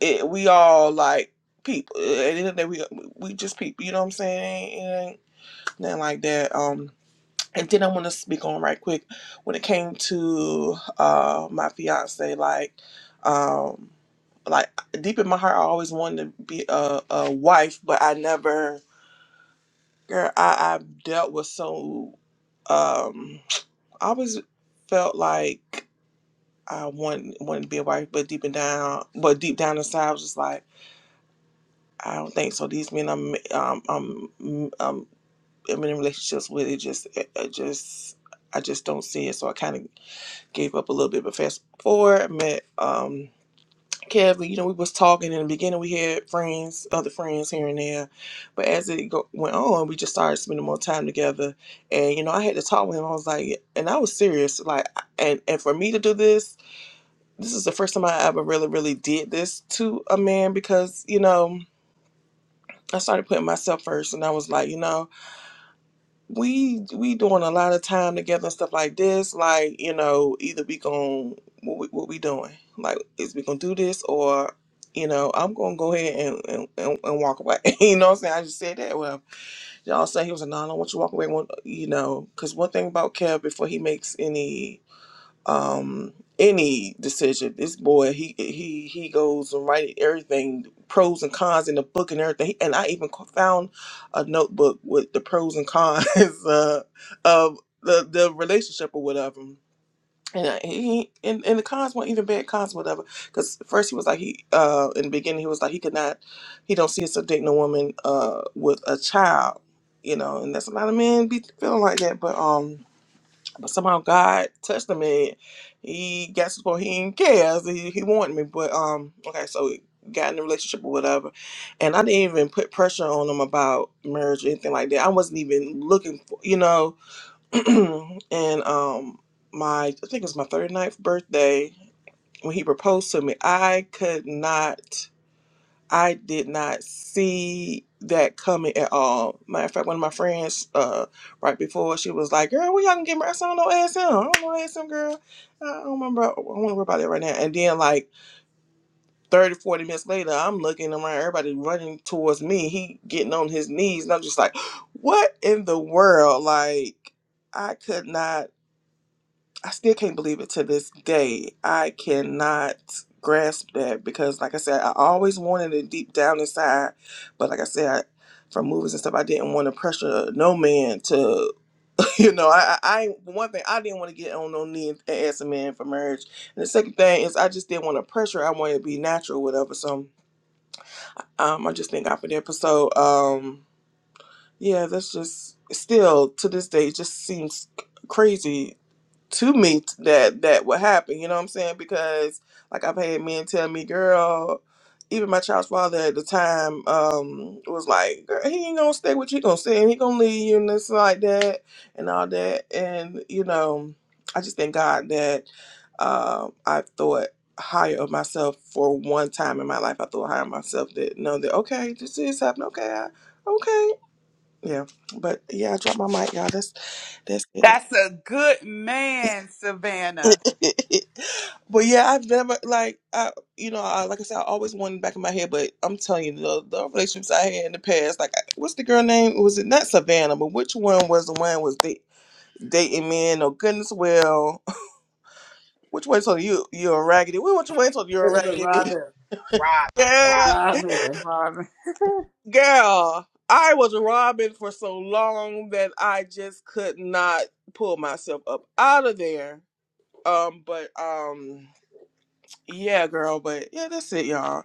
Speaker 1: it, we all like people at the end of the day we, we just people you know what i'm saying It Ain't nothing like that um and then I want to speak on right quick when it came to uh, my fiance, like, um, like deep in my heart, I always wanted to be a, a wife, but I never, girl, I, I dealt with so, um, I always felt like I want wanted to be a wife, but deep and down, but deep down inside, I was just like, I don't think so. These men I'm, um, I'm, mm, um, I'm in relationships with, it just, it, it just, I just don't see it. So I kind of gave up a little bit, but fast forward, I met um Kevin. You know, we was talking in the beginning. We had friends, other friends here and there, but as it go- went on, we just started spending more time together. And you know, I had to talk with him. I was like, and I was serious, like, and and for me to do this, this is the first time I ever really, really did this to a man because you know. I started putting myself first, and I was like, you know, we we doing a lot of time together and stuff like this. Like you know, either we gon' what we, what we doing? Like is we gonna do this or you know I'm gonna go ahead and and, and, and walk away. you know what I'm saying? I just said that. Well, y'all say he was a no. I don't want you to walk away. One, you know, because one thing about Kev before he makes any um any decision this boy he he he goes and write everything pros and cons in the book and everything and i even co- found a notebook with the pros and cons uh, of the the relationship or whatever and I- he and, and the cons weren't even bad cons whatever because first he was like he uh in the beginning he was like he could not he don't see himself dating a woman uh with a child you know and that's a lot of men be feeling like that but um but somehow God touched him and he got to the point he didn't care. He, he wanted me. But um okay, so we got in a relationship or whatever. And I didn't even put pressure on him about marriage or anything like that. I wasn't even looking for you know and um my I think it was my thirty ninth birthday when he proposed to me, I could not I did not see that coming at all. Matter of fact, one of my friends, uh, right before she was like, "Girl, we y'all can get married? I said, "I don't know ASM. I don't know ASM, girl. I don't remember. I don't want to worry about that right now." And then, like 30, 40 minutes later, I'm looking around, everybody running towards me. He getting on his knees, and I'm just like, "What in the world?" Like, I could not. I still can't believe it to this day. I cannot grasp that because, like I said, I always wanted it deep down inside, but like I said, I, from movies and stuff, I didn't want to pressure no man to, you know, I, I, I- one thing I didn't want to get on no knee and ask a man for marriage, and the second thing is I just didn't want to pressure. I wanted to be natural, whatever. So, um, I just thank God for that. But so, um, yeah, that's just still to this day it just seems crazy to me that that would happen. You know what I'm saying? Because like I've had men tell me, girl, even my child's father at the time um was like, girl, he ain't gonna stay with you. He gonna stay. He gonna leave you and this like that and all that. And you know, I just thank God that um I thought higher of myself for one time in my life. I thought higher of myself that know that okay, this is happening. Okay, I, okay, yeah. But yeah, I dropped my mic, y'all. That's that's it.
Speaker 2: That's a good man, Savannah.
Speaker 1: That's But yeah, I've never like I, you know, I, like I said, I always wanted back in my head. But I'm telling you, the, the relationships I had in the past, like I, what's the girl name? Was it not Savannah? But which one was the one was da- dating men? Oh goodness, well, which one told you you're a raggedy? Well, Which one told you you're a
Speaker 4: It was
Speaker 1: raggedy? bitch?
Speaker 4: Robin.
Speaker 5: Robin,
Speaker 1: Yeah,
Speaker 5: Robin.
Speaker 4: Robin.
Speaker 2: Robin.
Speaker 1: girl, I was robbing for so long that I just could not pull myself up out of there. Um, but um, yeah, girl, but yeah, that's it, y'all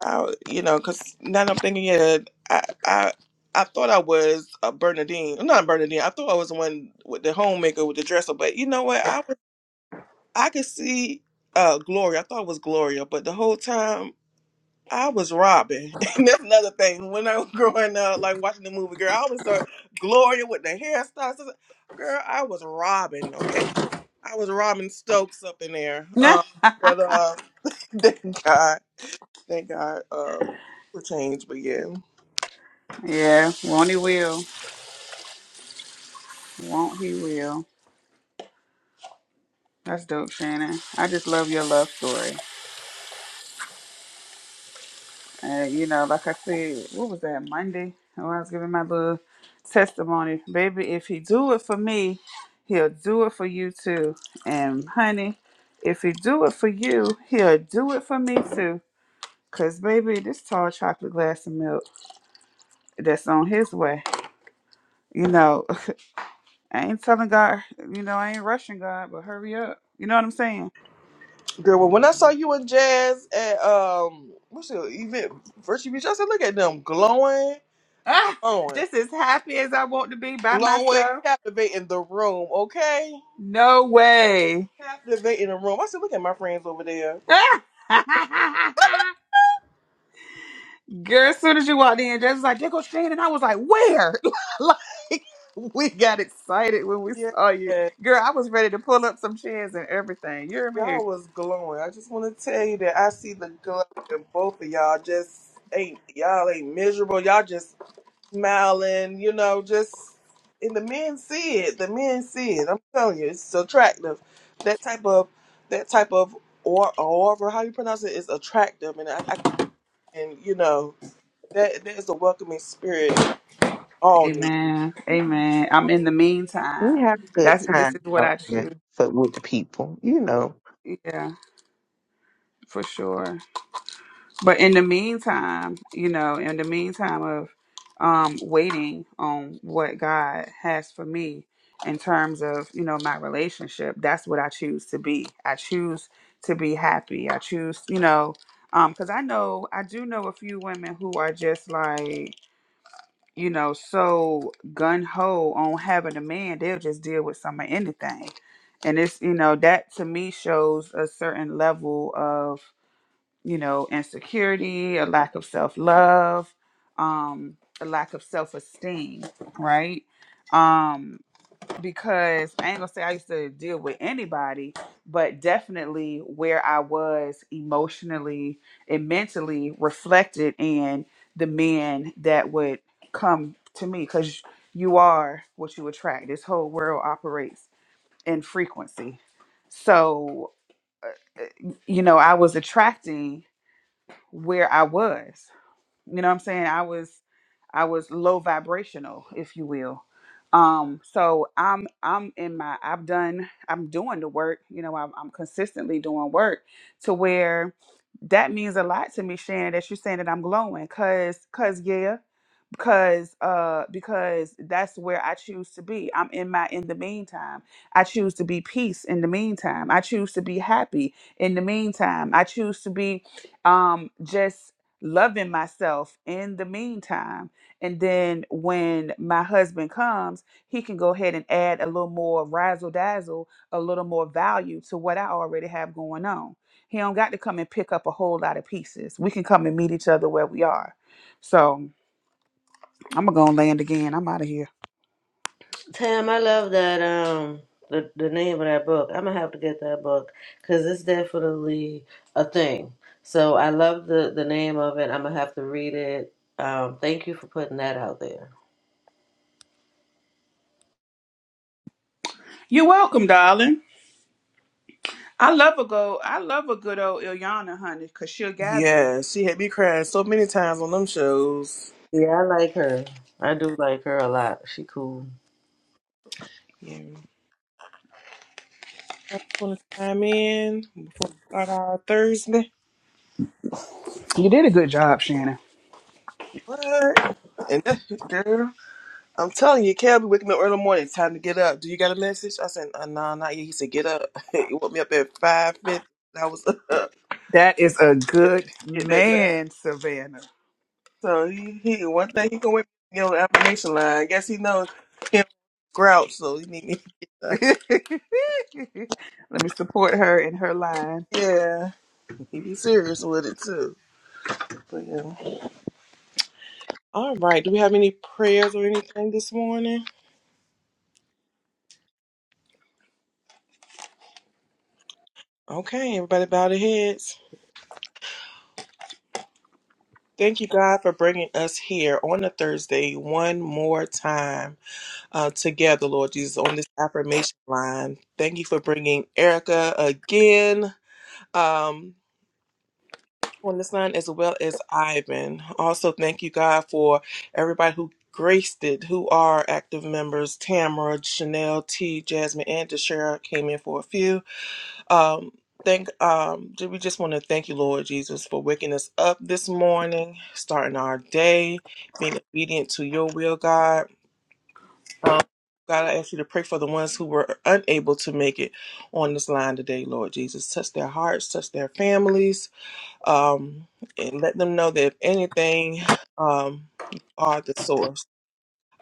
Speaker 1: I, you know, because now that I'm thinking, yeah, I, I, I thought I was a Bernadine, not Bernadine. I thought I was the one with the homemaker with the dresser, but you know what? I was, I could see uh Gloria. I thought it was Gloria, but the whole time I was Robin. and that's another thing. When I was growing up, like watching the movie, girl, I was uh, Gloria with the hairstyles. Girl, I was Robin. Okay, I was Robin Stokes up in there. Um, but uh, thank God. Thank God uh, for change, but yeah.
Speaker 2: yeah, won't he will. Won't he will. That's dope, Shannon. I just love your love story. And you know, like I said, what was that Monday when I was giving my little testimony, baby? If he do it for me, he'll do it for you too. And honey, if he do it for you, he'll do it for me too. Cause baby, this tall chocolate glass of milk that's on his way. You know, I ain't telling God. You know, I ain't rushing God, but hurry up. You know what I'm saying?
Speaker 1: Girl, well, when
Speaker 2: Mhm.
Speaker 1: I saw you and Jazz at um, what's the event? Virtue Beach, I said, look at them glowing,
Speaker 2: Ah,
Speaker 1: glowing,
Speaker 2: just as happy as I want to be by
Speaker 1: glowing,
Speaker 2: myself.
Speaker 1: captivating the room, okay?
Speaker 2: No way.
Speaker 1: Captivating the room. I said, look at my friends over there.
Speaker 2: Girl, as soon as you walked in, Jess was like, there goes Shane. And I was like, where? like, we got excited when we
Speaker 1: Yeah,
Speaker 2: saw you. Girl, I was ready to pull up some chairs and everything. You hear me?
Speaker 1: y'all was glowing. I just want to tell you that I see the glow in both of y'all. Just ain't y'all ain't miserable. Y'all just smiling, you know, just and the men see it. The men see it. I'm telling you, it's attractive. That type of that type of or or how you pronounce it is attractive, and I, I can you know that that is a welcoming spirit. All need.
Speaker 2: Amen. Amen. I'm in the
Speaker 6: We
Speaker 2: meantime.
Speaker 6: have a good
Speaker 2: That's this
Speaker 6: time
Speaker 2: is what
Speaker 6: out
Speaker 2: I
Speaker 6: here
Speaker 2: choose.
Speaker 6: for with the people, you know.
Speaker 2: Yeah, for sure. But in the meantime, you know, in the meantime of um, waiting on what God has for me in terms of, you know, my relationship, that's what I choose to be. I choose to be happy. I choose, you know, because I know, I do know a few women who are just like, you know, so gun ho on having a man, they'll just deal with some of anything. And it's, you know, that to me shows a certain level of you know, insecurity, a lack of self love, um, a lack of self esteem, right? Um, because I ain't gonna say I used to deal with anybody, but definitely where I was emotionally and mentally reflected in the men that would come to me because you are what you attract. This whole world operates in frequency. So, you know, I was attracting where I was you know what i'm saying i was i was low vibrational if you will um so i'm i'm in my i've done i'm doing the work you know i'm, I'm consistently doing work to where that means a lot to me shannon that you're saying that i'm glowing because because yeah because uh because that's where I choose to be. I'm in my in the meantime. I choose to be peace in the meantime. I choose to be happy in the meantime. I choose to be um just loving myself in the meantime. And then when my husband comes, he can go ahead and add a little more razzle dazzle, a little more value to what I already have going on. He don't got to come and pick up a whole lot of pieces. We can come and meet each other where we are. So I'm gonna go and land again. I'm out of here.
Speaker 4: Tam, I love that um the the name of that book. I'm gonna have to get that book because it's definitely a thing. So I love the the name of it. I'm gonna have to read it. Um, thank you for putting that out there.
Speaker 2: You're welcome, darling. I love a go. I love a good old Ilyana, honey, cause she'll gather you.
Speaker 1: Yeah, she had me crying so many times on them shows.
Speaker 4: Yeah, I like her. I do like her a lot. She cool.
Speaker 1: Yeah. I want to chime in before we start our Thursday.
Speaker 2: You did a good job, Shannon.
Speaker 1: What? And that, girl. I'm telling you, Cal be waking me up early in the morning. Time to get up. Do you got a message? I said, uh, nah, not yet. He said, get up. he woke me up at five fifty. I was up.
Speaker 2: That is a good
Speaker 1: Get that back.
Speaker 2: man, Savannah.
Speaker 1: So he, he one thing he gonna wake me on the affirmation line. I guess he knows him grouch, so he need me to get up.
Speaker 2: Let me support her in her line.
Speaker 1: Yeah, he be serious with it too. But yeah. All right. Do we have any prayers or anything this morning? Okay, everybody bow their heads. Thank you, God, for bringing us here on a Thursday one more time. uh, together, Lord Jesus, on this affirmation line. Thank you for bringing Erica again um, on this line, as well as Ivan. Also, thank you, God, for everybody who graced it, who are active members Tamara, Chanel, T, Jasmine, and Deshara came in for a few. Um, Thank um we just want to thank you, Lord Jesus, for waking us up this morning, starting our day, being obedient to your will, God um, God, I ask you to pray for the ones who were unable to make it on this line today, Lord Jesus. Touch their hearts, touch their families, um, and let them know that if anything, um, you are the source.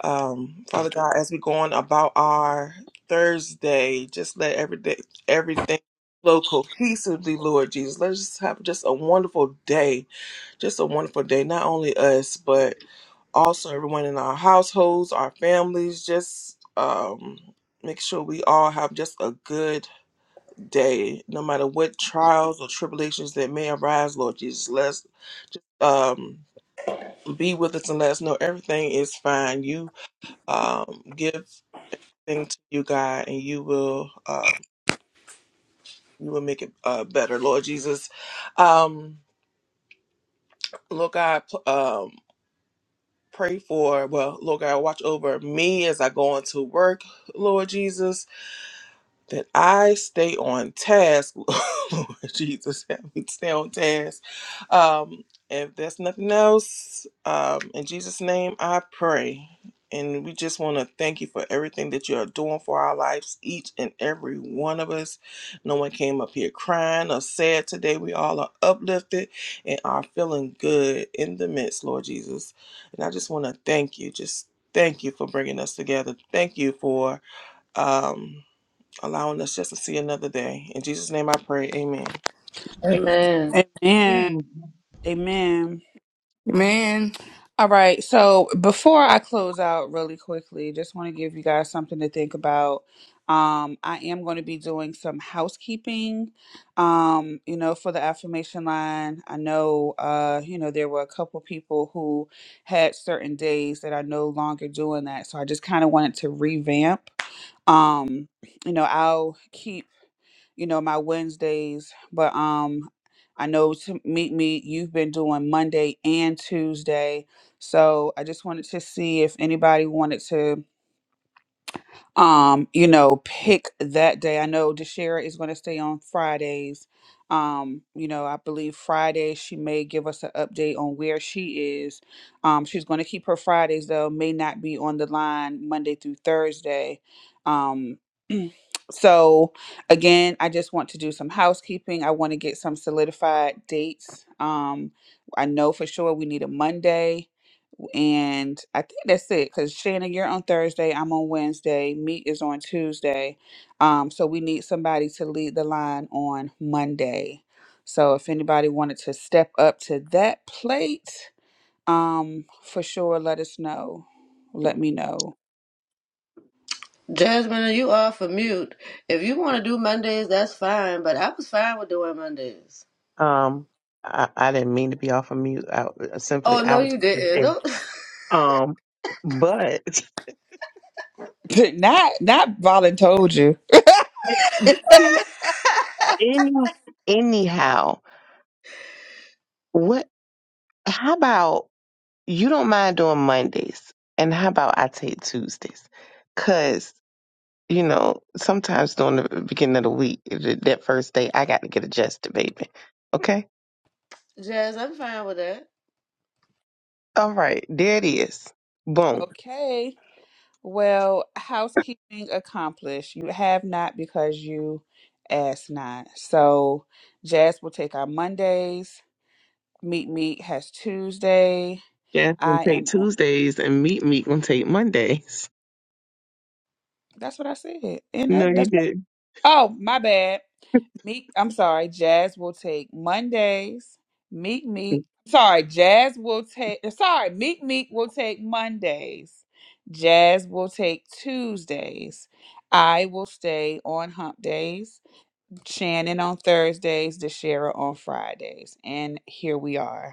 Speaker 1: Um, Father God, as we go on about our Thursday, just let every day, everything flow cohesively, Lord Jesus. Let us have just a wonderful day, just a wonderful day, not only us, but also everyone in our households, our families, just um, make sure we all have just a good day, no matter what trials or tribulations that may arise. Lord Jesus, let's um, be with us and let us know everything is fine. You um, give thing to you, God, and you will um, you will make it uh, better, Lord Jesus. Um, Lord God, p- um, pray for well, Lord God, watch over me as I go into work, Lord Jesus that I stay on task, Lord Jesus, help me stay on task. Um, if there's nothing else, um, in Jesus' name I pray. And we just want to thank you for everything that you are doing for our lives, each and every one of us. No one came up here crying or sad today. We all are uplifted and are feeling good in the midst, Lord Jesus. And I just want to thank you. Just thank you for bringing us together. Thank you for. Um, allowing us just to see another day. In Jesus' name I pray. Amen.
Speaker 4: Amen.
Speaker 2: Amen.
Speaker 6: Mhm.
Speaker 2: Amen.
Speaker 3: Man.
Speaker 2: All right. So before I close out really quickly, just want to give you guys something to think about. Um, I am going to be doing some housekeeping, um, you know, for the affirmation line. I know, uh, you know, there were a couple people who had certain days that are no longer doing that. So I just kind of wanted to revamp. Um, you know, I'll keep you know, my Wednesdays. But um I know to meet me, you've been doing Monday and Tuesday. So I just wanted to see if anybody wanted to um, you know, pick that day. I know DeShera is going to stay on Fridays. Um, you know, I believe Friday she may give us an update on where she is. Um, she's going to keep her Fridays though, may not be on the line Monday through Thursday. Um, so again, I just want to do some housekeeping. I want to get some solidified dates. Um, I know for sure we need a Monday. And I think that's it because Shannon, you're on Thursday. I'm on Wednesday. Meet is on Tuesday. Um, so we need somebody to lead the line on Monday. So if anybody wanted to step up to that plate, um, for sure, let us know. Let me know.
Speaker 4: Jasmine, are you off of mute? If you want to do Mondays, that's fine. But I was fine with doing Mondays.
Speaker 6: Um, I, I didn't mean to be off of mute. I, simply,
Speaker 4: Oh no,
Speaker 6: I was
Speaker 4: you didn't. Don't.
Speaker 6: um, but
Speaker 2: not not Volin told you.
Speaker 6: Any, anyhow, what? How about you don't mind doing Mondays, and how about I take Tuesdays? Cause you know sometimes during the beginning of the week, th- that first day, I got to get adjusted, baby. Okay,
Speaker 4: Jazz, I'm fine with that.
Speaker 6: all right, there it is. Boom.
Speaker 2: Okay. Well, housekeeping accomplished. You have not because you asked not. So Jazz will take our Mondays. Meet Meet has Tuesday.
Speaker 6: Jasmine
Speaker 2: I
Speaker 6: take
Speaker 2: am on.
Speaker 6: Tuesdays, and meet me gonna take Mondays.
Speaker 2: That's what I said. And
Speaker 6: No,
Speaker 2: that,
Speaker 6: you
Speaker 2: that's
Speaker 6: did
Speaker 2: oh my bad. Meek, I'm sorry. Jazz will take Mondays. Meek Meek. Sorry, Jazz will take. eh, Sorry, Meek Meek will take Mondays. Jazz will take Tuesdays. I will stay on hump days. Shannon on Thursdays. DeShera on Fridays. And here we are.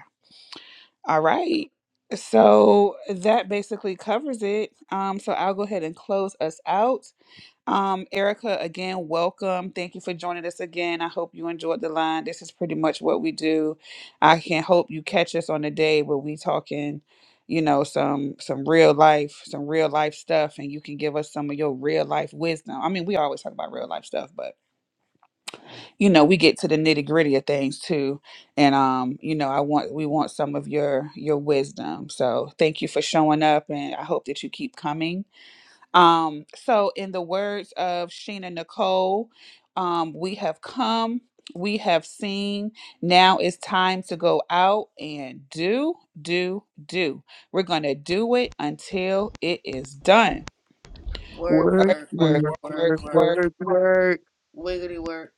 Speaker 2: All right. So that basically covers it. Um, so I'll go ahead and close us out. Um, Erica, again, welcome. Thank you for joining us again. I hope you enjoyed the line. This is pretty much what we do. I can hope you catch us on the day where we talking, you know, some some real life, some real life stuff, and you can give us some of your real life wisdom. I mean, we always talk about real life stuff, but you know we get to the nitty gritty of things too and um you know i want we want some of your your wisdom so thank you for showing up and i hope that you keep coming um so in the words of sheena nicole um we have come we have seen now it's time to go out and do do do we're gonna do it until it is done
Speaker 4: Work,
Speaker 6: work,
Speaker 2: work
Speaker 4: work,
Speaker 2: work
Speaker 4: work,
Speaker 6: work,
Speaker 4: work,
Speaker 6: work,
Speaker 2: work
Speaker 4: work.
Speaker 2: work
Speaker 6: work, work.
Speaker 4: Wiggity work.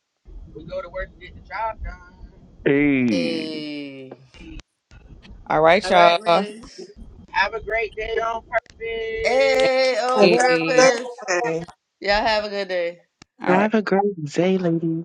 Speaker 5: We go to work to get the job done.
Speaker 6: Hey.
Speaker 4: Hey.
Speaker 2: all right
Speaker 4: All right,
Speaker 2: y'all
Speaker 4: ladies.
Speaker 5: Have a great day on purpose.
Speaker 4: Hey, on
Speaker 1: And
Speaker 2: hey.
Speaker 1: happy
Speaker 4: purpose.
Speaker 1: Thursday.
Speaker 4: Y'all have a good day.
Speaker 2: all right
Speaker 6: Have a great day, ladies.